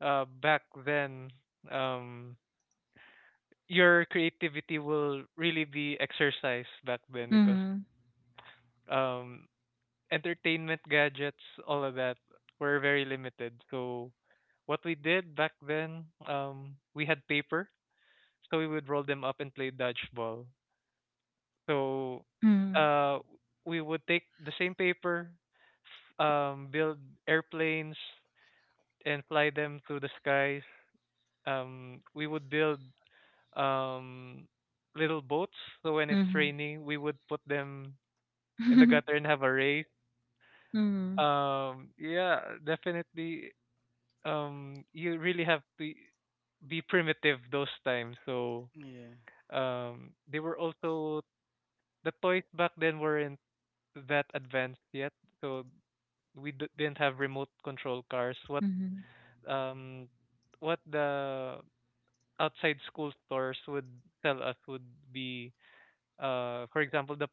S3: back then um, your creativity will really be exercised back then because
S1: Mm-hmm.
S3: um, entertainment gadgets, all of that were very limited. So what we did back then, we had paper, so we would roll them up and play dodgeball. So
S1: Mm-hmm.
S3: uh, we would take the same paper, build airplanes and fly them through the skies. We would build um little boats. So when it's raining, we would put them in the
S1: Mm-hmm.
S3: gutter and have a race.
S1: *laughs*
S3: Yeah, definitely you really have to be primitive those times. So
S2: Yeah. Yeah.
S3: they were also the toys back then weren't that advanced yet. So we didn't have remote control cars.
S1: Mhm.
S3: Um what the outside school stores would sell us would be for example, the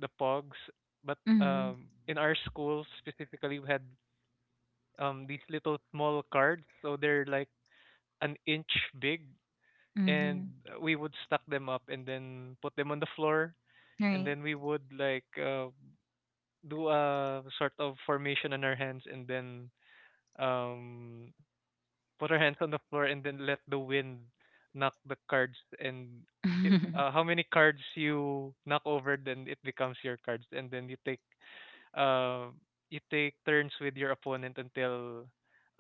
S3: the pogs. But
S1: Mhm.
S3: in our school specifically, we had these little small cards, so they're like an inch big, and
S1: Mhm.
S3: we would stack them up and then put them on the floor, and
S1: Right.
S3: then we would like do a sort of formation on our hands, and then um, put our hands on the floor, and then let the wind knock the cards and i- how
S1: *laughs*
S3: many cards you knock over, then it becomes your cards, and then you take um you take turns with your opponent until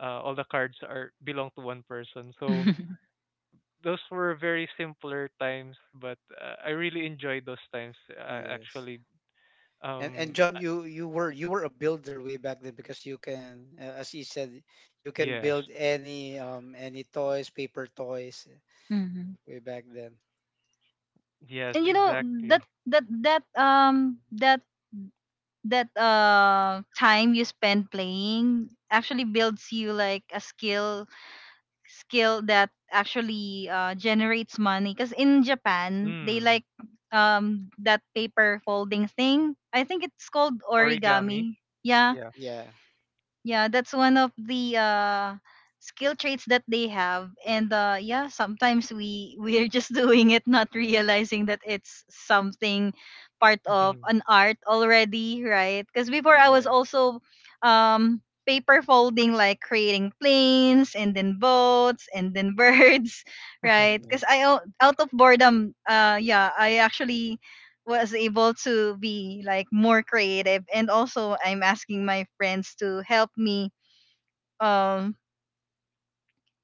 S3: all the cards are belong to one person. So those were very simpler times, but I really enjoyed those times
S2: Yes.
S3: actually.
S2: And
S3: Um, uh,
S2: John, you were, you were a builder way back then because you can, as you said, you can
S3: yes,
S2: build any toys, paper toys,
S1: Mhm.
S2: way back then.
S3: yes,
S1: And you know
S3: exactly.
S1: that that time you spend playing actually builds you like a skill that actually generates money, because in Japan they
S3: Mm,
S1: like that paper folding thing, I think it's called
S3: origami.
S1: origami, yeah.
S3: Yeah.
S2: Yeah.
S1: Yeah, that's one of the skill traits that they have, and yeah, sometimes we we're just *laughs* doing it not realizing that it's something part of
S3: Mhm.
S1: an art already, right? Because before I was
S2: Yeah.
S1: also um paper folding, like creating planes and then boats and then *laughs* birds, right?
S3: *laughs*
S1: Because
S2: Yes.
S1: out of boredom yeah, I actually was able to be like more creative, and also I'm asking my friends to um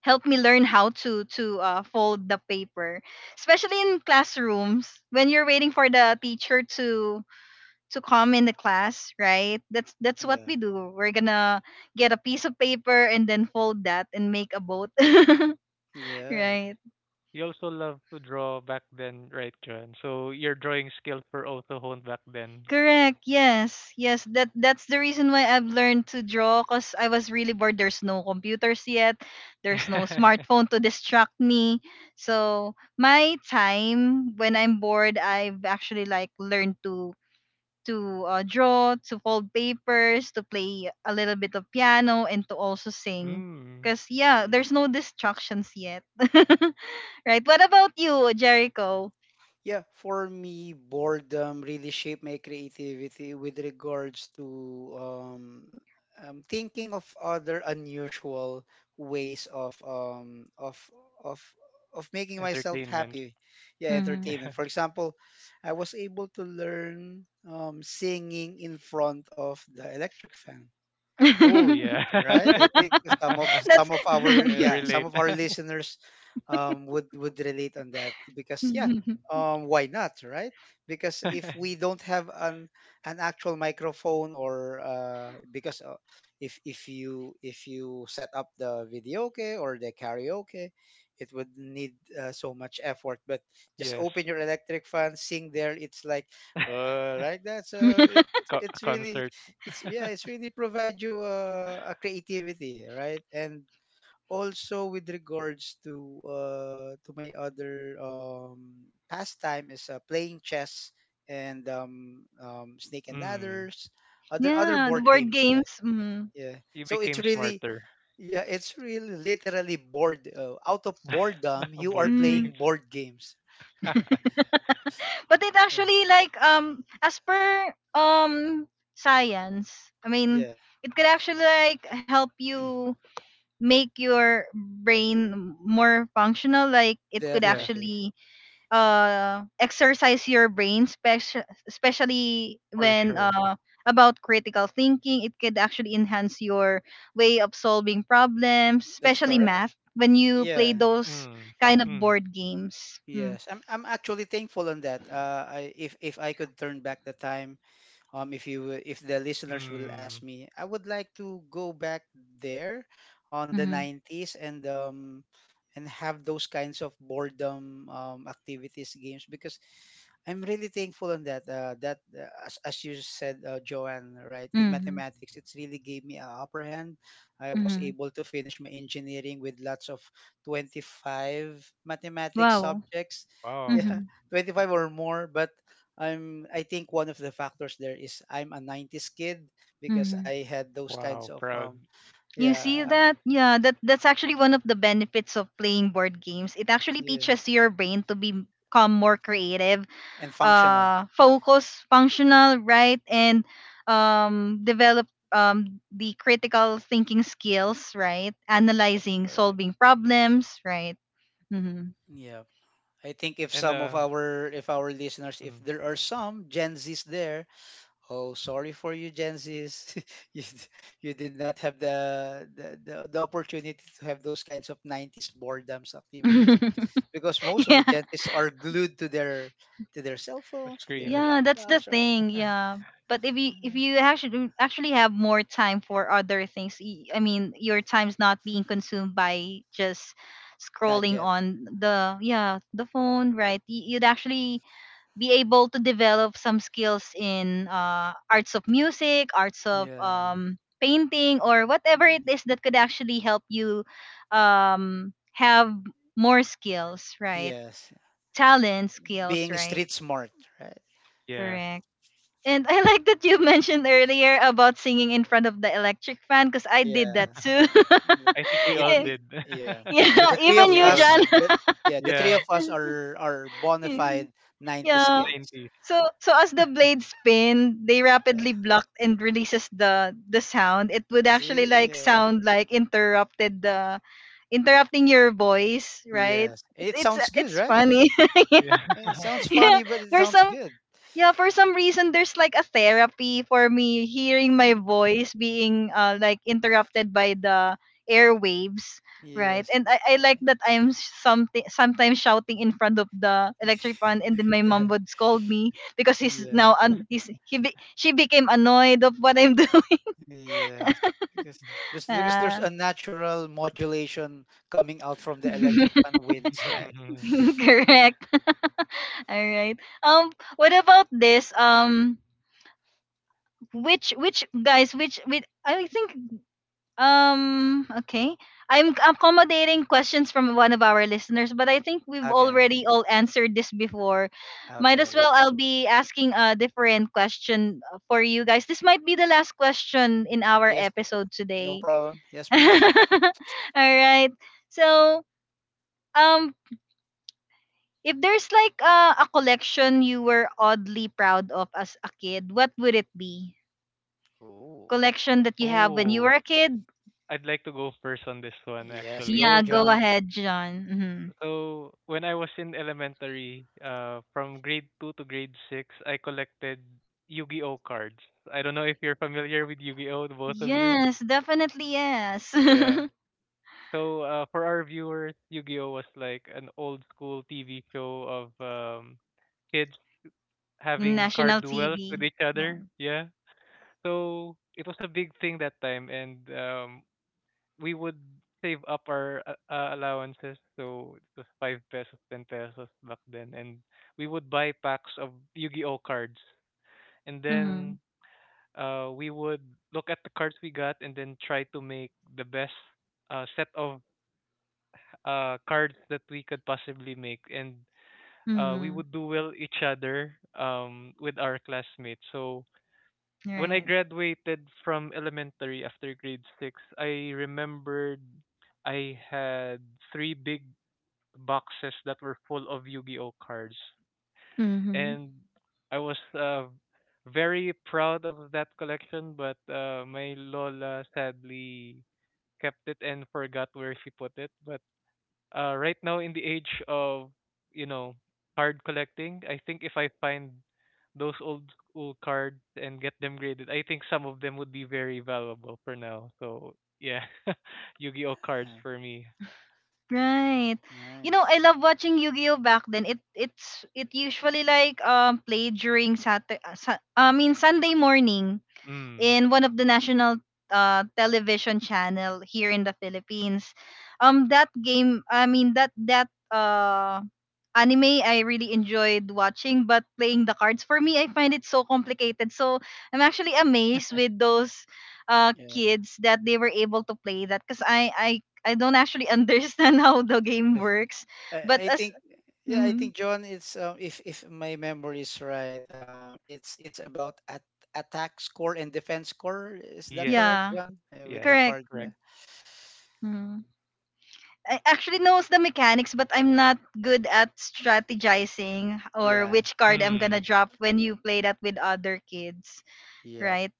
S1: help me learn how to fold the paper, especially in classrooms when you're waiting for the teacher to come in the class, right? That's what
S2: Yeah.
S1: we do. We're gonna get a piece of paper and then fold that and make a boat. *laughs*
S2: Yeah.
S1: Right.
S3: You also love to draw back then, right, John? So your drawing skills were also honed back then.
S1: Correct. Yes. Yes. That that's the reason why I've learned to draw, because I was really bored. There's no computers yet. There's no
S3: *laughs*
S1: smartphone to distract me. So my time when I'm bored, I've actually like learned to draw, to fold papers, to play a little bit of piano, and to also sing.
S3: Mm,
S1: Cause yeah,
S2: Yeah.
S1: there's no distractions yet. *laughs* Right. What about you, Jericho?
S2: Yeah, for me, boredom really shaped my creativity with regards to um, thinking of other unusual ways of of making myself
S3: entertainment.
S2: happy. Yeah,
S1: Hmm.
S2: entertainment. For
S3: *laughs*
S2: example, I was able to learn singing in front of the electric fan,
S3: Oh
S1: *laughs*
S3: yeah.
S2: right? I think some of
S3: *laughs*
S1: That's
S2: some of our
S3: I
S2: yeah,
S1: *laughs*
S2: some
S3: relate.
S2: of our listeners, would relate on that because yeah,
S1: *laughs*
S2: why not, right? Because if we
S3: *laughs*
S2: don't have an actual microphone or because if if you set up the video, okay, or the karaoke, it would need so much effort. But just
S3: Yes.
S2: open your electric fan, sing there. It's like
S3: *laughs*
S2: right. That's it,
S3: Co-
S2: it's really
S3: concert.
S2: it's yeah
S3: *laughs*
S2: it's really provide you a creativity, right? And also with regards to my other pastime is playing chess and snake and
S3: Mm.
S2: ladders, other
S1: yeah, the
S2: board
S1: board
S2: games, yeah.
S1: games. Mm.
S2: yeah
S3: You
S2: so it's
S3: became
S2: really,
S3: smarter.
S2: yeah, it's really literally bored, out of boredom
S3: *laughs*
S2: you are
S3: Board
S1: Mm.
S2: playing
S3: games.
S2: board games.
S3: *laughs*
S1: But it
S2: Or-
S1: actually like as per science, I mean,
S2: yeah,
S1: it could actually like help you make your brain more functional. Like it could
S3: Yes,
S2: definitely,
S1: actually exercise your brain especially
S3: for
S1: when
S3: sure.
S1: about critical thinking, it could actually enhance your way of solving problems,
S2: that's
S1: especially
S2: correct,
S1: math when you play
S2: yeah.
S1: those
S3: Mm.
S1: kind of
S3: Mm.
S1: board games. Mm.
S2: Yes, I'm actually thankful on that. I If I could turn back the time, um, if you if the listeners will
S3: Mm.
S2: ask me, I would like to go back there on the
S1: Mm-hmm.
S2: 90s and and have those kinds of boredom, activities, games, because I'm really thankful on that, as you said, Joanne, right? In
S1: Mm-hmm.
S2: mathematics, it's really gave me an upper hand. I was
S1: Mm-hmm.
S2: able to finish my engineering with lots of 25 mathematics
S1: Wow.
S2: subjects *laughs*
S3: Wow.
S2: yeah,
S1: Mm-hmm.
S2: 25 or more. But I think one of the factors there is I'm a 90s kid because
S1: Mm-hmm.
S2: I had those kinds
S3: Wow.
S2: of
S3: Proud.
S1: You
S2: yeah
S1: see
S2: uh,
S1: that, yeah, that that's actually one of the benefits of playing board games. It actually
S2: yeah
S1: teaches your brain to be become more creative,
S2: and functional,
S1: focus, functional, right? And develop the critical thinking skills, right?
S2: that's
S1: Analyzing,
S2: correct,
S1: solving problems, right? Hmm.
S2: yeah. I think if
S3: And
S2: some of our, if our listeners, if
S3: mm.
S2: there are some Gen Z's there, oh, sorry for you Gen Z's, *laughs* you, d- you did not have the, the opportunity to have those kinds of 90s boredoms activities
S1: *laughs*
S2: because most of the
S1: Yeah.
S2: Gen Z's are glued to their, to their cell
S3: the
S2: phones, to their
S3: screens.
S1: Yeah, that's the
S2: laptops, right?
S1: thing.
S3: *laughs*
S1: Yeah, but if
S2: Mm-hmm.
S1: you actually actually have more time for other things, I mean, your time's not being consumed by just scrolling
S2: Gadget.
S1: on the yeah the phone, right? You'd actually be able to develop some skills in arts of music, arts of
S2: Yeah.
S1: painting, or whatever
S2: Yeah.
S1: it is that could actually help you have more skills, right?
S2: Yes.
S1: Talent skills,
S2: Being
S1: right?
S2: street smart, right?
S3: Yes.
S1: Correct. And *laughs* I like that you mentioned earlier about singing in front of the electric fan, because I did
S2: Yeah.
S1: that too.
S2: The-
S3: I think we
S2: It
S3: all
S2: ma-
S3: did.
S2: yeah.
S1: *laughs*
S2: So
S1: Yeah,
S2: the three
S3: *laughs*
S1: even
S2: of
S3: We
S1: you,
S3: all
S2: us
S1: John.
S3: did.
S2: the, Yeah, the three
S3: Yeah.
S2: of us are bona
S1: *laughs*
S2: fide 90s
S1: Yeah.
S2: kids.
S3: Nineties.
S1: So so as the blade spin, they
S2: Yeah.
S1: rapidly block and releases the sound. It would actually
S2: See?
S1: like
S2: Yeah.
S1: sound like interrupted the interrupting your voice, right?
S2: Yes. It sounds good,
S1: It's
S2: right?
S1: funny. *laughs* Yeah.
S2: And it sounds
S1: Yeah.
S2: funny, but it
S1: There's
S2: sounds
S1: some
S2: good.
S1: yeah, for some reason there's like a therapy for me hearing my
S2: Mm.
S1: voice being like interrupted by the airwaves, right?
S2: Yes.
S1: And I like that I'm something sometimes shouting in front of the electric fan, and then my mom would
S2: *laughs*
S1: scold me because he's
S2: Yeah.
S1: now un- he's he be- she became annoyed of what I'm *laughs* doing.
S2: Yes. Because because there's
S1: Ah.
S2: a natural modulation coming out from the electric
S1: *laughs*
S2: fan winds, right?
S3: Yeah. *laughs*
S1: Correct. *laughs* All right. Um, what about this which guys which with I think um, okay. I'm accommodating questions from one of our listeners, but I think we've
S2: Okay.
S1: already all answered this before. Might
S2: Okay,
S1: as well
S2: that's,
S1: I'll be asking a different question for you guys. This might be the last question in our
S2: yes,
S1: episode
S2: no
S1: today.
S2: problem. Yes,
S1: *laughs* All
S2: please.
S1: right. So, um, if there's like a collection you were oddly proud of as a kid, what would it be?
S2: Oh,
S1: Collection that you have when you were
S3: Oh,
S1: a kid?
S3: I'd like to go first on this one
S2: yes,
S3: actually.
S2: go,
S1: Yeah, go
S2: John.
S1: ahead, John. Mm-hmm.
S3: So when I was in elementary, from grade two to grade six, I collected Yu-Gi-Oh cards. I don't know if you're familiar with Yu-Gi-Oh, the both of you.
S1: Yes, definitely yes.
S3: Yeah.
S1: *laughs*
S3: So for our viewers, Yu-Gi-Oh was like an old school TV show of kids
S1: In
S3: having card
S1: national
S3: duels
S1: TV.
S3: with each
S1: Yeah.
S3: other. Yeah. So it was a big thing that time, and we would save up our allowances. So it was 5 pesos, 10 pesos back then. And we would buy packs of Yu-Gi-Oh cards. And then
S1: Mhm.
S3: we would look at the cards we got and then try to make the best set of cards that we could possibly make. And we
S1: Mhm.
S3: would duel each other with our classmates. So when I
S1: Right.
S3: graduated from elementary after grade six, I remembered I had three big boxes that were full of Yu-Gi-Oh cards,
S1: Mm-hmm.
S3: and I was very proud of that collection. But my lola sadly kept it and forgot where she put it. But right now in the age of you know card collecting, I think if I find those old school cards and get them graded, I think some of them would be very valuable for now. So yeah, *laughs* Yu-Gi-Oh
S2: Uh,
S3: cards for me.
S1: Right. You know,
S2: Nice.
S1: I love watching Yu-Gi-Oh back then. It usually like played during Saturday, I mean Sunday morning
S3: Mm.
S1: in one of the national television channel here in the Philippines. That game, I mean that anime I really enjoyed watching, but playing the cards for me, I find it so complicated. So I'm actually amazed with those
S2: Yeah.
S1: kids that they were able to play that because I don't actually *laughs* understand how the game
S2: Bef-
S1: works. But
S2: I, I
S1: as
S2: think yeah, I
S1: mhm,
S2: think John, it's if my memory is right, it's about at attack score and defense score. Is that
S3: Yes.
S2: correct,
S1: yeah,
S2: John? With
S3: Yes.
S2: the
S1: correct.
S2: card.
S3: Correct.
S2: Yeah.
S1: Mhm. I actually knows the mechanics, but I'm not good at strategizing or
S2: Yeah.
S1: which card I'm gonna
S3: Mm.
S1: drop when you play that with other kids,
S2: Yep.
S1: right?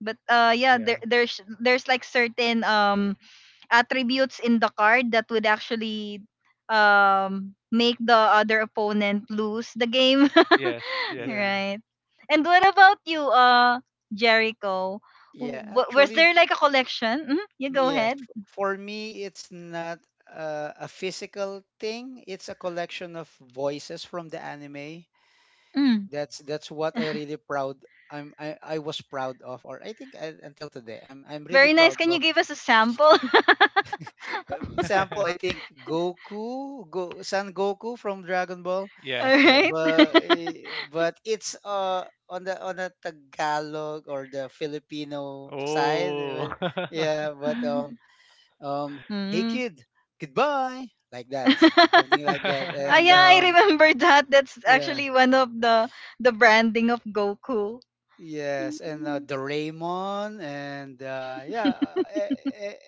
S1: But yeah,
S3: Yeah.
S1: there's like certain attributes in the card that would actually make the other opponent lose the game. *laughs*
S3: Yes. Yes.
S2: Yeah.
S1: right. And what about you, Jericho?
S2: Yeah,
S1: Was
S2: actually,
S1: there
S2: f-
S1: like a collection? Mm, you go
S2: yes.
S1: ahead.
S2: For me, it's not a physical thing. It's a collection of voices from the anime.
S1: Mm,
S2: That's what I really proud, I was proud of or I think, until today I'm really
S1: very nice.
S2: proud
S1: Can you
S2: of.
S1: give us a sample?
S2: *laughs* Example, I
S3: *laughs*
S2: think Goku, Go Son Goku from Dragon Ball,
S1: *laughs* All
S3: Yes. Yeah.
S1: right.
S2: but it's on the Tagalog or the Filipino side,
S3: Oh. *laughs*
S2: yeah, but um hey
S1: Mm.
S2: kid, goodbye, like
S1: *laughs*
S2: that, something like that,
S1: ah,
S2: and
S1: yeah,
S3: *laughs*
S1: I remember *laughs* that. That's
S2: yeah.
S1: actually one of the branding of Goku.
S2: Yes, and
S1: Mm-hmm.
S2: Doraemon, and eh, eh,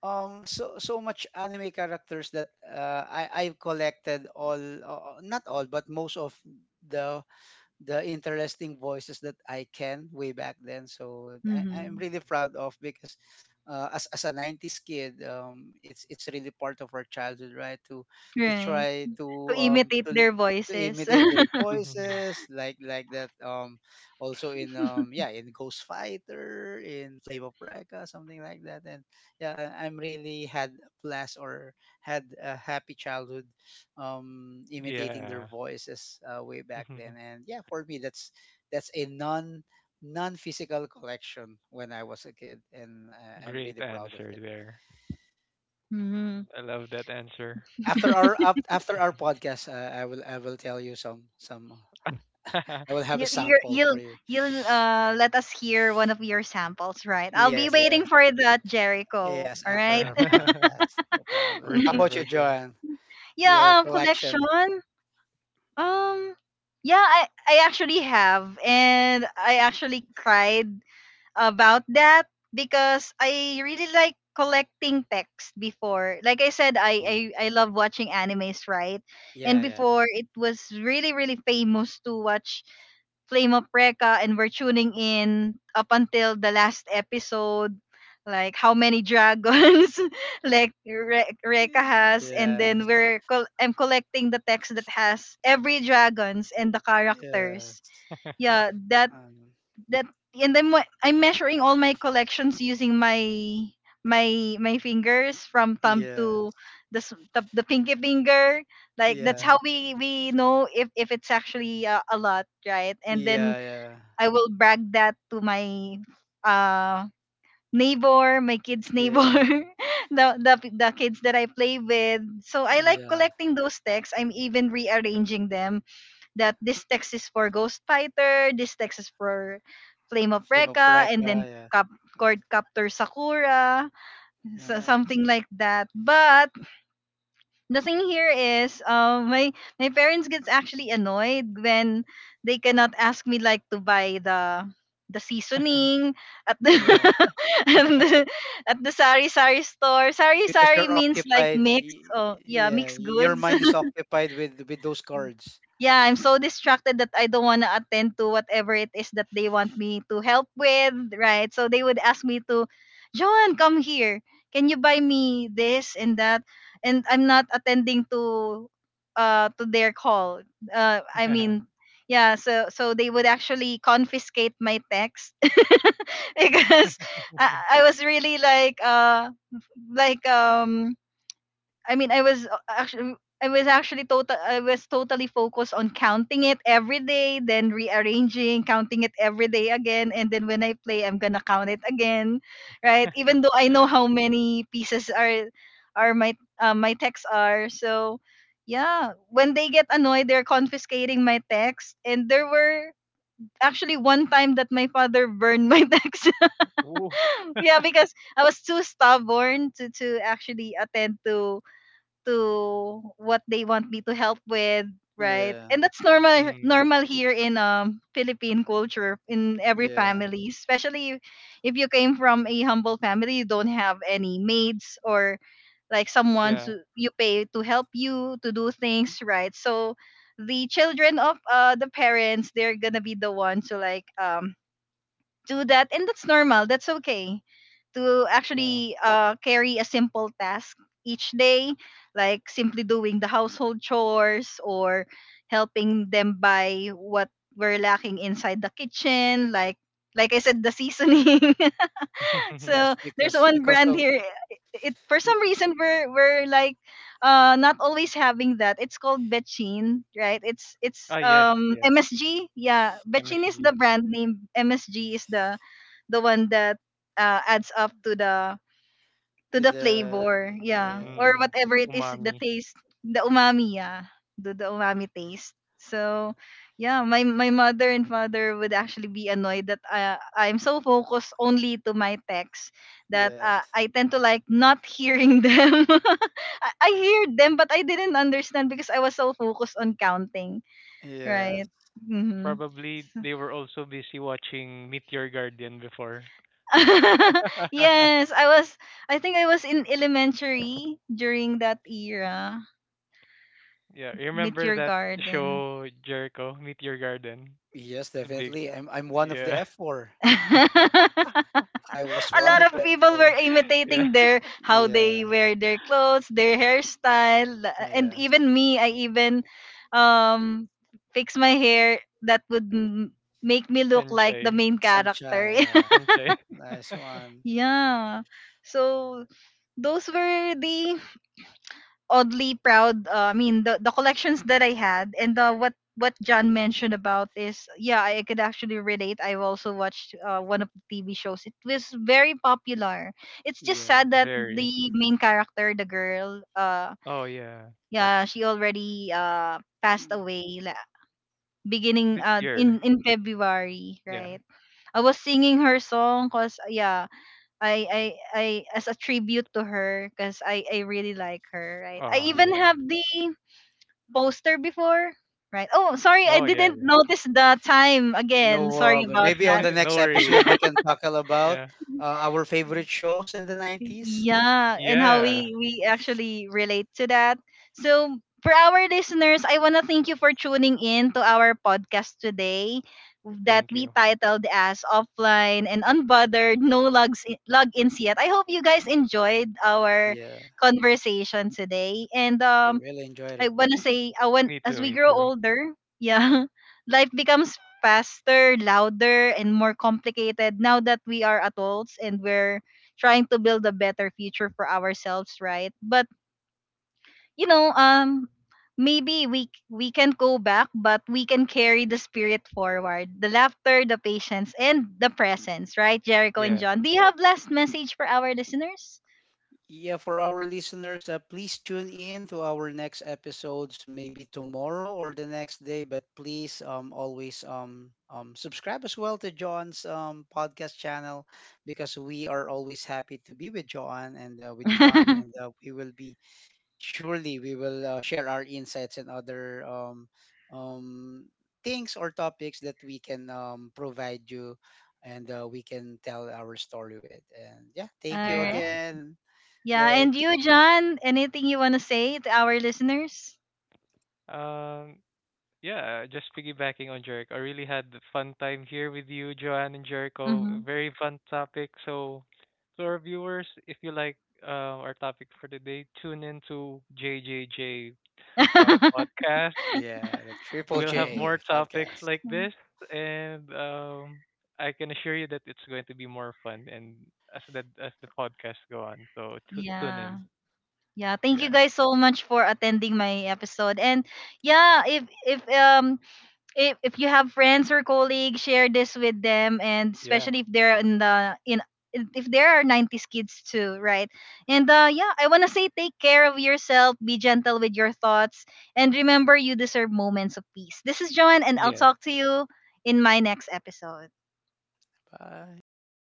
S2: so so much anime characters that I I've collected all, not all, but most of the the interesting voices that I can way back then. So I, I'm
S1: Mm-hmm.
S2: really proud of because as a 90s kid, it's really part of our childhood, right? To
S1: Right.
S2: try to
S1: To
S2: um
S1: imitate
S2: to
S1: their
S2: to
S1: voices.
S2: imitate
S1: *laughs*
S2: their voices, like that. Also in um, yeah, in Ghost Fighter, in Flame of Recca, something like that. And yeah, I- I'm really had a blast or had a happy childhood, imitating their
S3: Yeah.
S2: voices way back then.
S3: *laughs*
S2: And yeah, for me, that's a non non physical collection when I was a kid, and I'm
S3: Great
S2: really proud of
S3: answer
S2: it.
S3: there.
S1: Mhm.
S3: I love that answer.
S2: After our
S3: *laughs*
S2: podcast, I will tell you some some. I will have a
S1: You, you're,
S2: sample for
S1: you'll
S2: you.
S1: you'll let us hear one of your samples, right? I'll be
S2: Yes,
S1: waiting
S2: yes,
S1: for that, Jericho.
S2: yes.
S1: All
S2: After
S1: right.
S2: our podcast, no problem.
S3: For
S2: How
S3: sure,
S2: about
S1: *laughs*
S2: you,
S3: for sure.
S2: Joanne? Your
S1: yeah. Collection.
S2: collection?
S1: Um, yeah. I actually have, and I actually cried about that because I really like collecting text before. Like I said,
S2: Yeah,
S1: I love watching animes, right? And
S2: yeah, yeah.
S1: before it was really really famous to watch Flame of Reka and we're tuning in up until the last episode. Like how many dragons *laughs* like Reka has, and then
S2: Yes,
S1: I'm collecting the text that has every dragons and the characters.
S2: yes,
S3: *laughs*
S1: Yeah, that
S2: um,
S1: that and then I'm measuring all my collections using my fingers from thumb to
S2: yes,
S1: the pinky finger, like that's
S2: yeah.
S1: how we know if it's actually a lot right and then
S2: Yeah, yeah,
S1: I will brag that to my uh neighbor, my kids' neighbor,
S2: yeah,
S1: *laughs* the kids that I play with. So I like
S2: yeah.
S1: collecting those texts. I'm even rearranging them, that this text is for Ghost Fighter, this text is for Flame of
S2: Flame of Recca,
S1: Recca, and then
S2: yeah.
S1: Cap Court Captor Sakura, so
S2: Nice.
S1: something like that. But the thing here is my my parents gets actually annoyed when they cannot ask me like to buy the seasoning at the
S3: Yeah.
S2: Yeah,
S1: *laughs* at the, at the sari sari store. Sari
S2: because
S1: sari
S2: you're
S1: means like
S2: occupied.
S1: mix, oh yeah,
S2: Yeah,
S1: mixed
S2: your
S1: goods.
S2: mind is occupied with those cards.
S1: Yeah, I'm so distracted that I don't want to attend to whatever it is that they want me to help with, right? So they would ask me to, Joan, come here. Can you buy me this and that? And I'm not attending to their call. Uh I
S3: *laughs*
S1: mean, yeah, so so they would actually confiscate my text *laughs* because I, I was really like I mean, I was actually I was actually total I was totally focused on counting it every day, then rearranging, counting it every day again, and then when I play, I'm gonna count it again, right? Even though I know how many pieces are my my texts are, so yeah. When they get annoyed, they're confiscating my text, and there were actually one time that my father burned my *laughs* text.
S3: Ooh.
S1: *laughs* yeah,
S3: *laughs*
S1: because I was too stubborn to actually attend to what they want me to help with, right?
S2: Yeah,
S1: And that's normal
S3: Mm.
S1: normal here in Philippine culture in every
S2: yeah.
S1: family, especially if you came from a humble family, you don't have any maids or like someone
S3: Yeah,
S1: to you pay to help you to do things, right? So the children of the parents, they're gonna be the one to like do that, and that's normal, that's okay to
S3: yeah.
S1: actually carry a simple task each day, like simply doing the household chores or helping them buy what we're lacking inside the kitchen, like I said the seasoning *laughs* so
S2: Yes,
S3: *laughs*
S1: there's one brand here. It for some
S2: bec-
S1: reason we're like not always having that. It's called Betchin, right? It's it's
S3: Ah, yes,
S1: um
S3: yes,
S1: MSG. Yeah, Betchin is the
S3: MSG.
S1: brand name. MSG is the one that adds up to
S2: to
S1: the
S2: the,
S1: flavor. Yeah.
S2: yeah.
S1: Or
S3: Mm.
S1: whatever it is, the
S3: Umami.
S1: taste, the umami, yeah. The umami taste. So, yeah, my mother and father would actually be annoyed that I'm so focused only to my text, that
S2: Yes,
S1: I tend to like not hearing *laughs* them. I heard them but I didn't understand because I was so focused on counting,
S2: yes,
S1: right? Mhm.
S3: Probably they were also busy watching Meet Your Guardian before.
S1: *laughs*
S3: *laughs*
S1: yes, I think I was in elementary during that era.
S3: Yeah, you
S1: Meet
S3: remember
S1: Your
S3: that
S1: Garden.
S3: show Jericho, Meet Your Garden?
S2: yes,
S3: It's a big,
S2: definitely. I'm one of the
S3: yeah,
S2: F4.
S1: *laughs* a
S2: I was one
S1: lot
S2: of
S1: of
S2: the
S3: *laughs*
S1: people were
S2: F4.
S3: yeah,
S1: imitating their how they
S2: Yeah,
S1: wear their clothes, their hairstyle, and
S2: yes.
S1: even me. I even um fix my hair that would make me look like the
S3: Chanchay.
S1: main
S2: Sanchai,
S1: character.
S2: yeah.
S1: *laughs*
S3: Sensei.
S2: Nice
S3: *laughs*
S2: one.
S1: yeah. So those were the oddly proud. The collections that I had and the what John mentioned about, is yeah, I could actually relate. I've also watched one of the TV shows. It was very popular. It's just
S2: Yeah.
S1: sad that
S3: Very.
S1: the main character, the girl,
S3: Oh yeah.
S1: yeah, she already passed
S2: Mm.
S1: away. Beginning
S3: This year.
S1: in February,
S3: Yeah.
S1: right? I was singing her song, cause yeah, I I I as a tribute to her, because I really like her, right? I
S3: Oh.
S1: even
S2: Yeah,
S1: have the poster before, right? Oh, sorry, I
S3: Oh yeah,
S1: didn't
S3: yeah.
S1: notice the time
S2: no
S1: again. Sorry
S2: problem.
S1: about
S2: Maybe on
S1: that.
S2: the
S3: *laughs* No
S2: next
S3: worries.
S2: episode we can tackle about,
S3: Yeah.
S2: our favorite shows in the 90s.
S1: Yeah, and how
S2: Yeah,
S3: Yes.
S1: we actually relate to that. So, for our listeners, I want to thank you for tuning in to our podcast today that
S3: Thank
S1: we
S3: you.
S1: titled as Offline and Unbothered, No Logs Logins Yet. I hope you guys enjoyed our
S2: yeah,
S1: conversation today, and
S2: I really enjoyed it.
S1: I want.
S3: Me
S1: As
S3: too,
S1: we
S3: me
S1: grow
S3: too.
S1: older, yeah, *laughs* life becomes faster, louder, and more complicated now that we are adults and we're trying to build a better future for ourselves, right? But you know, maybe we can go back, but we can carry the spirit forward, the laughter, the patience, and the presence, right? Jericho and
S3: Yeah.
S1: John, do you have last message for our listeners?
S2: Yeah, for our listeners, please tune in to our next episodes, maybe tomorrow or the next day, but please always subscribe as well to John's podcast channel because we are always happy to be with John and
S1: *laughs* All
S2: we will be, surely we will share our insights and other um, things or topics that we can provide you and we can tell our story with. And yeah, thank you
S3: Yeah.
S1: right.
S2: again,
S1: Yeah,
S2: guys.
S1: and
S3: Thanks.
S1: you, John, anything you want to say to our listeners?
S3: Um yeah, just piggybacking on Jericho. I really had a fun time here with you, Joanne and Jericho.
S1: Hmm
S3: Very fun topic. So to our viewers, if you like our topic for today, tune in to JJJ
S1: *laughs*
S3: podcast.
S2: Yeah, the Triple
S3: We'll have more
S2: J
S3: topics
S2: podcast.
S3: like this, and I can assure you that it's going to be more fun. And as the podcast go on, so tune in.
S1: yeah. Yeah, thank
S3: Yeah,
S1: you guys so much for attending my episode. And yeah, if you have friends or colleagues, share this with them, and
S3: yeah,
S1: especially if they're in the in if there are 90s kids too, right? And yeah, I want to say take care of yourself, be gentle with your thoughts, and remember you deserve moments of peace. This is John, and I'll
S3: yes.
S1: talk to you in my next episode.
S2: Bye.
S3: Bye.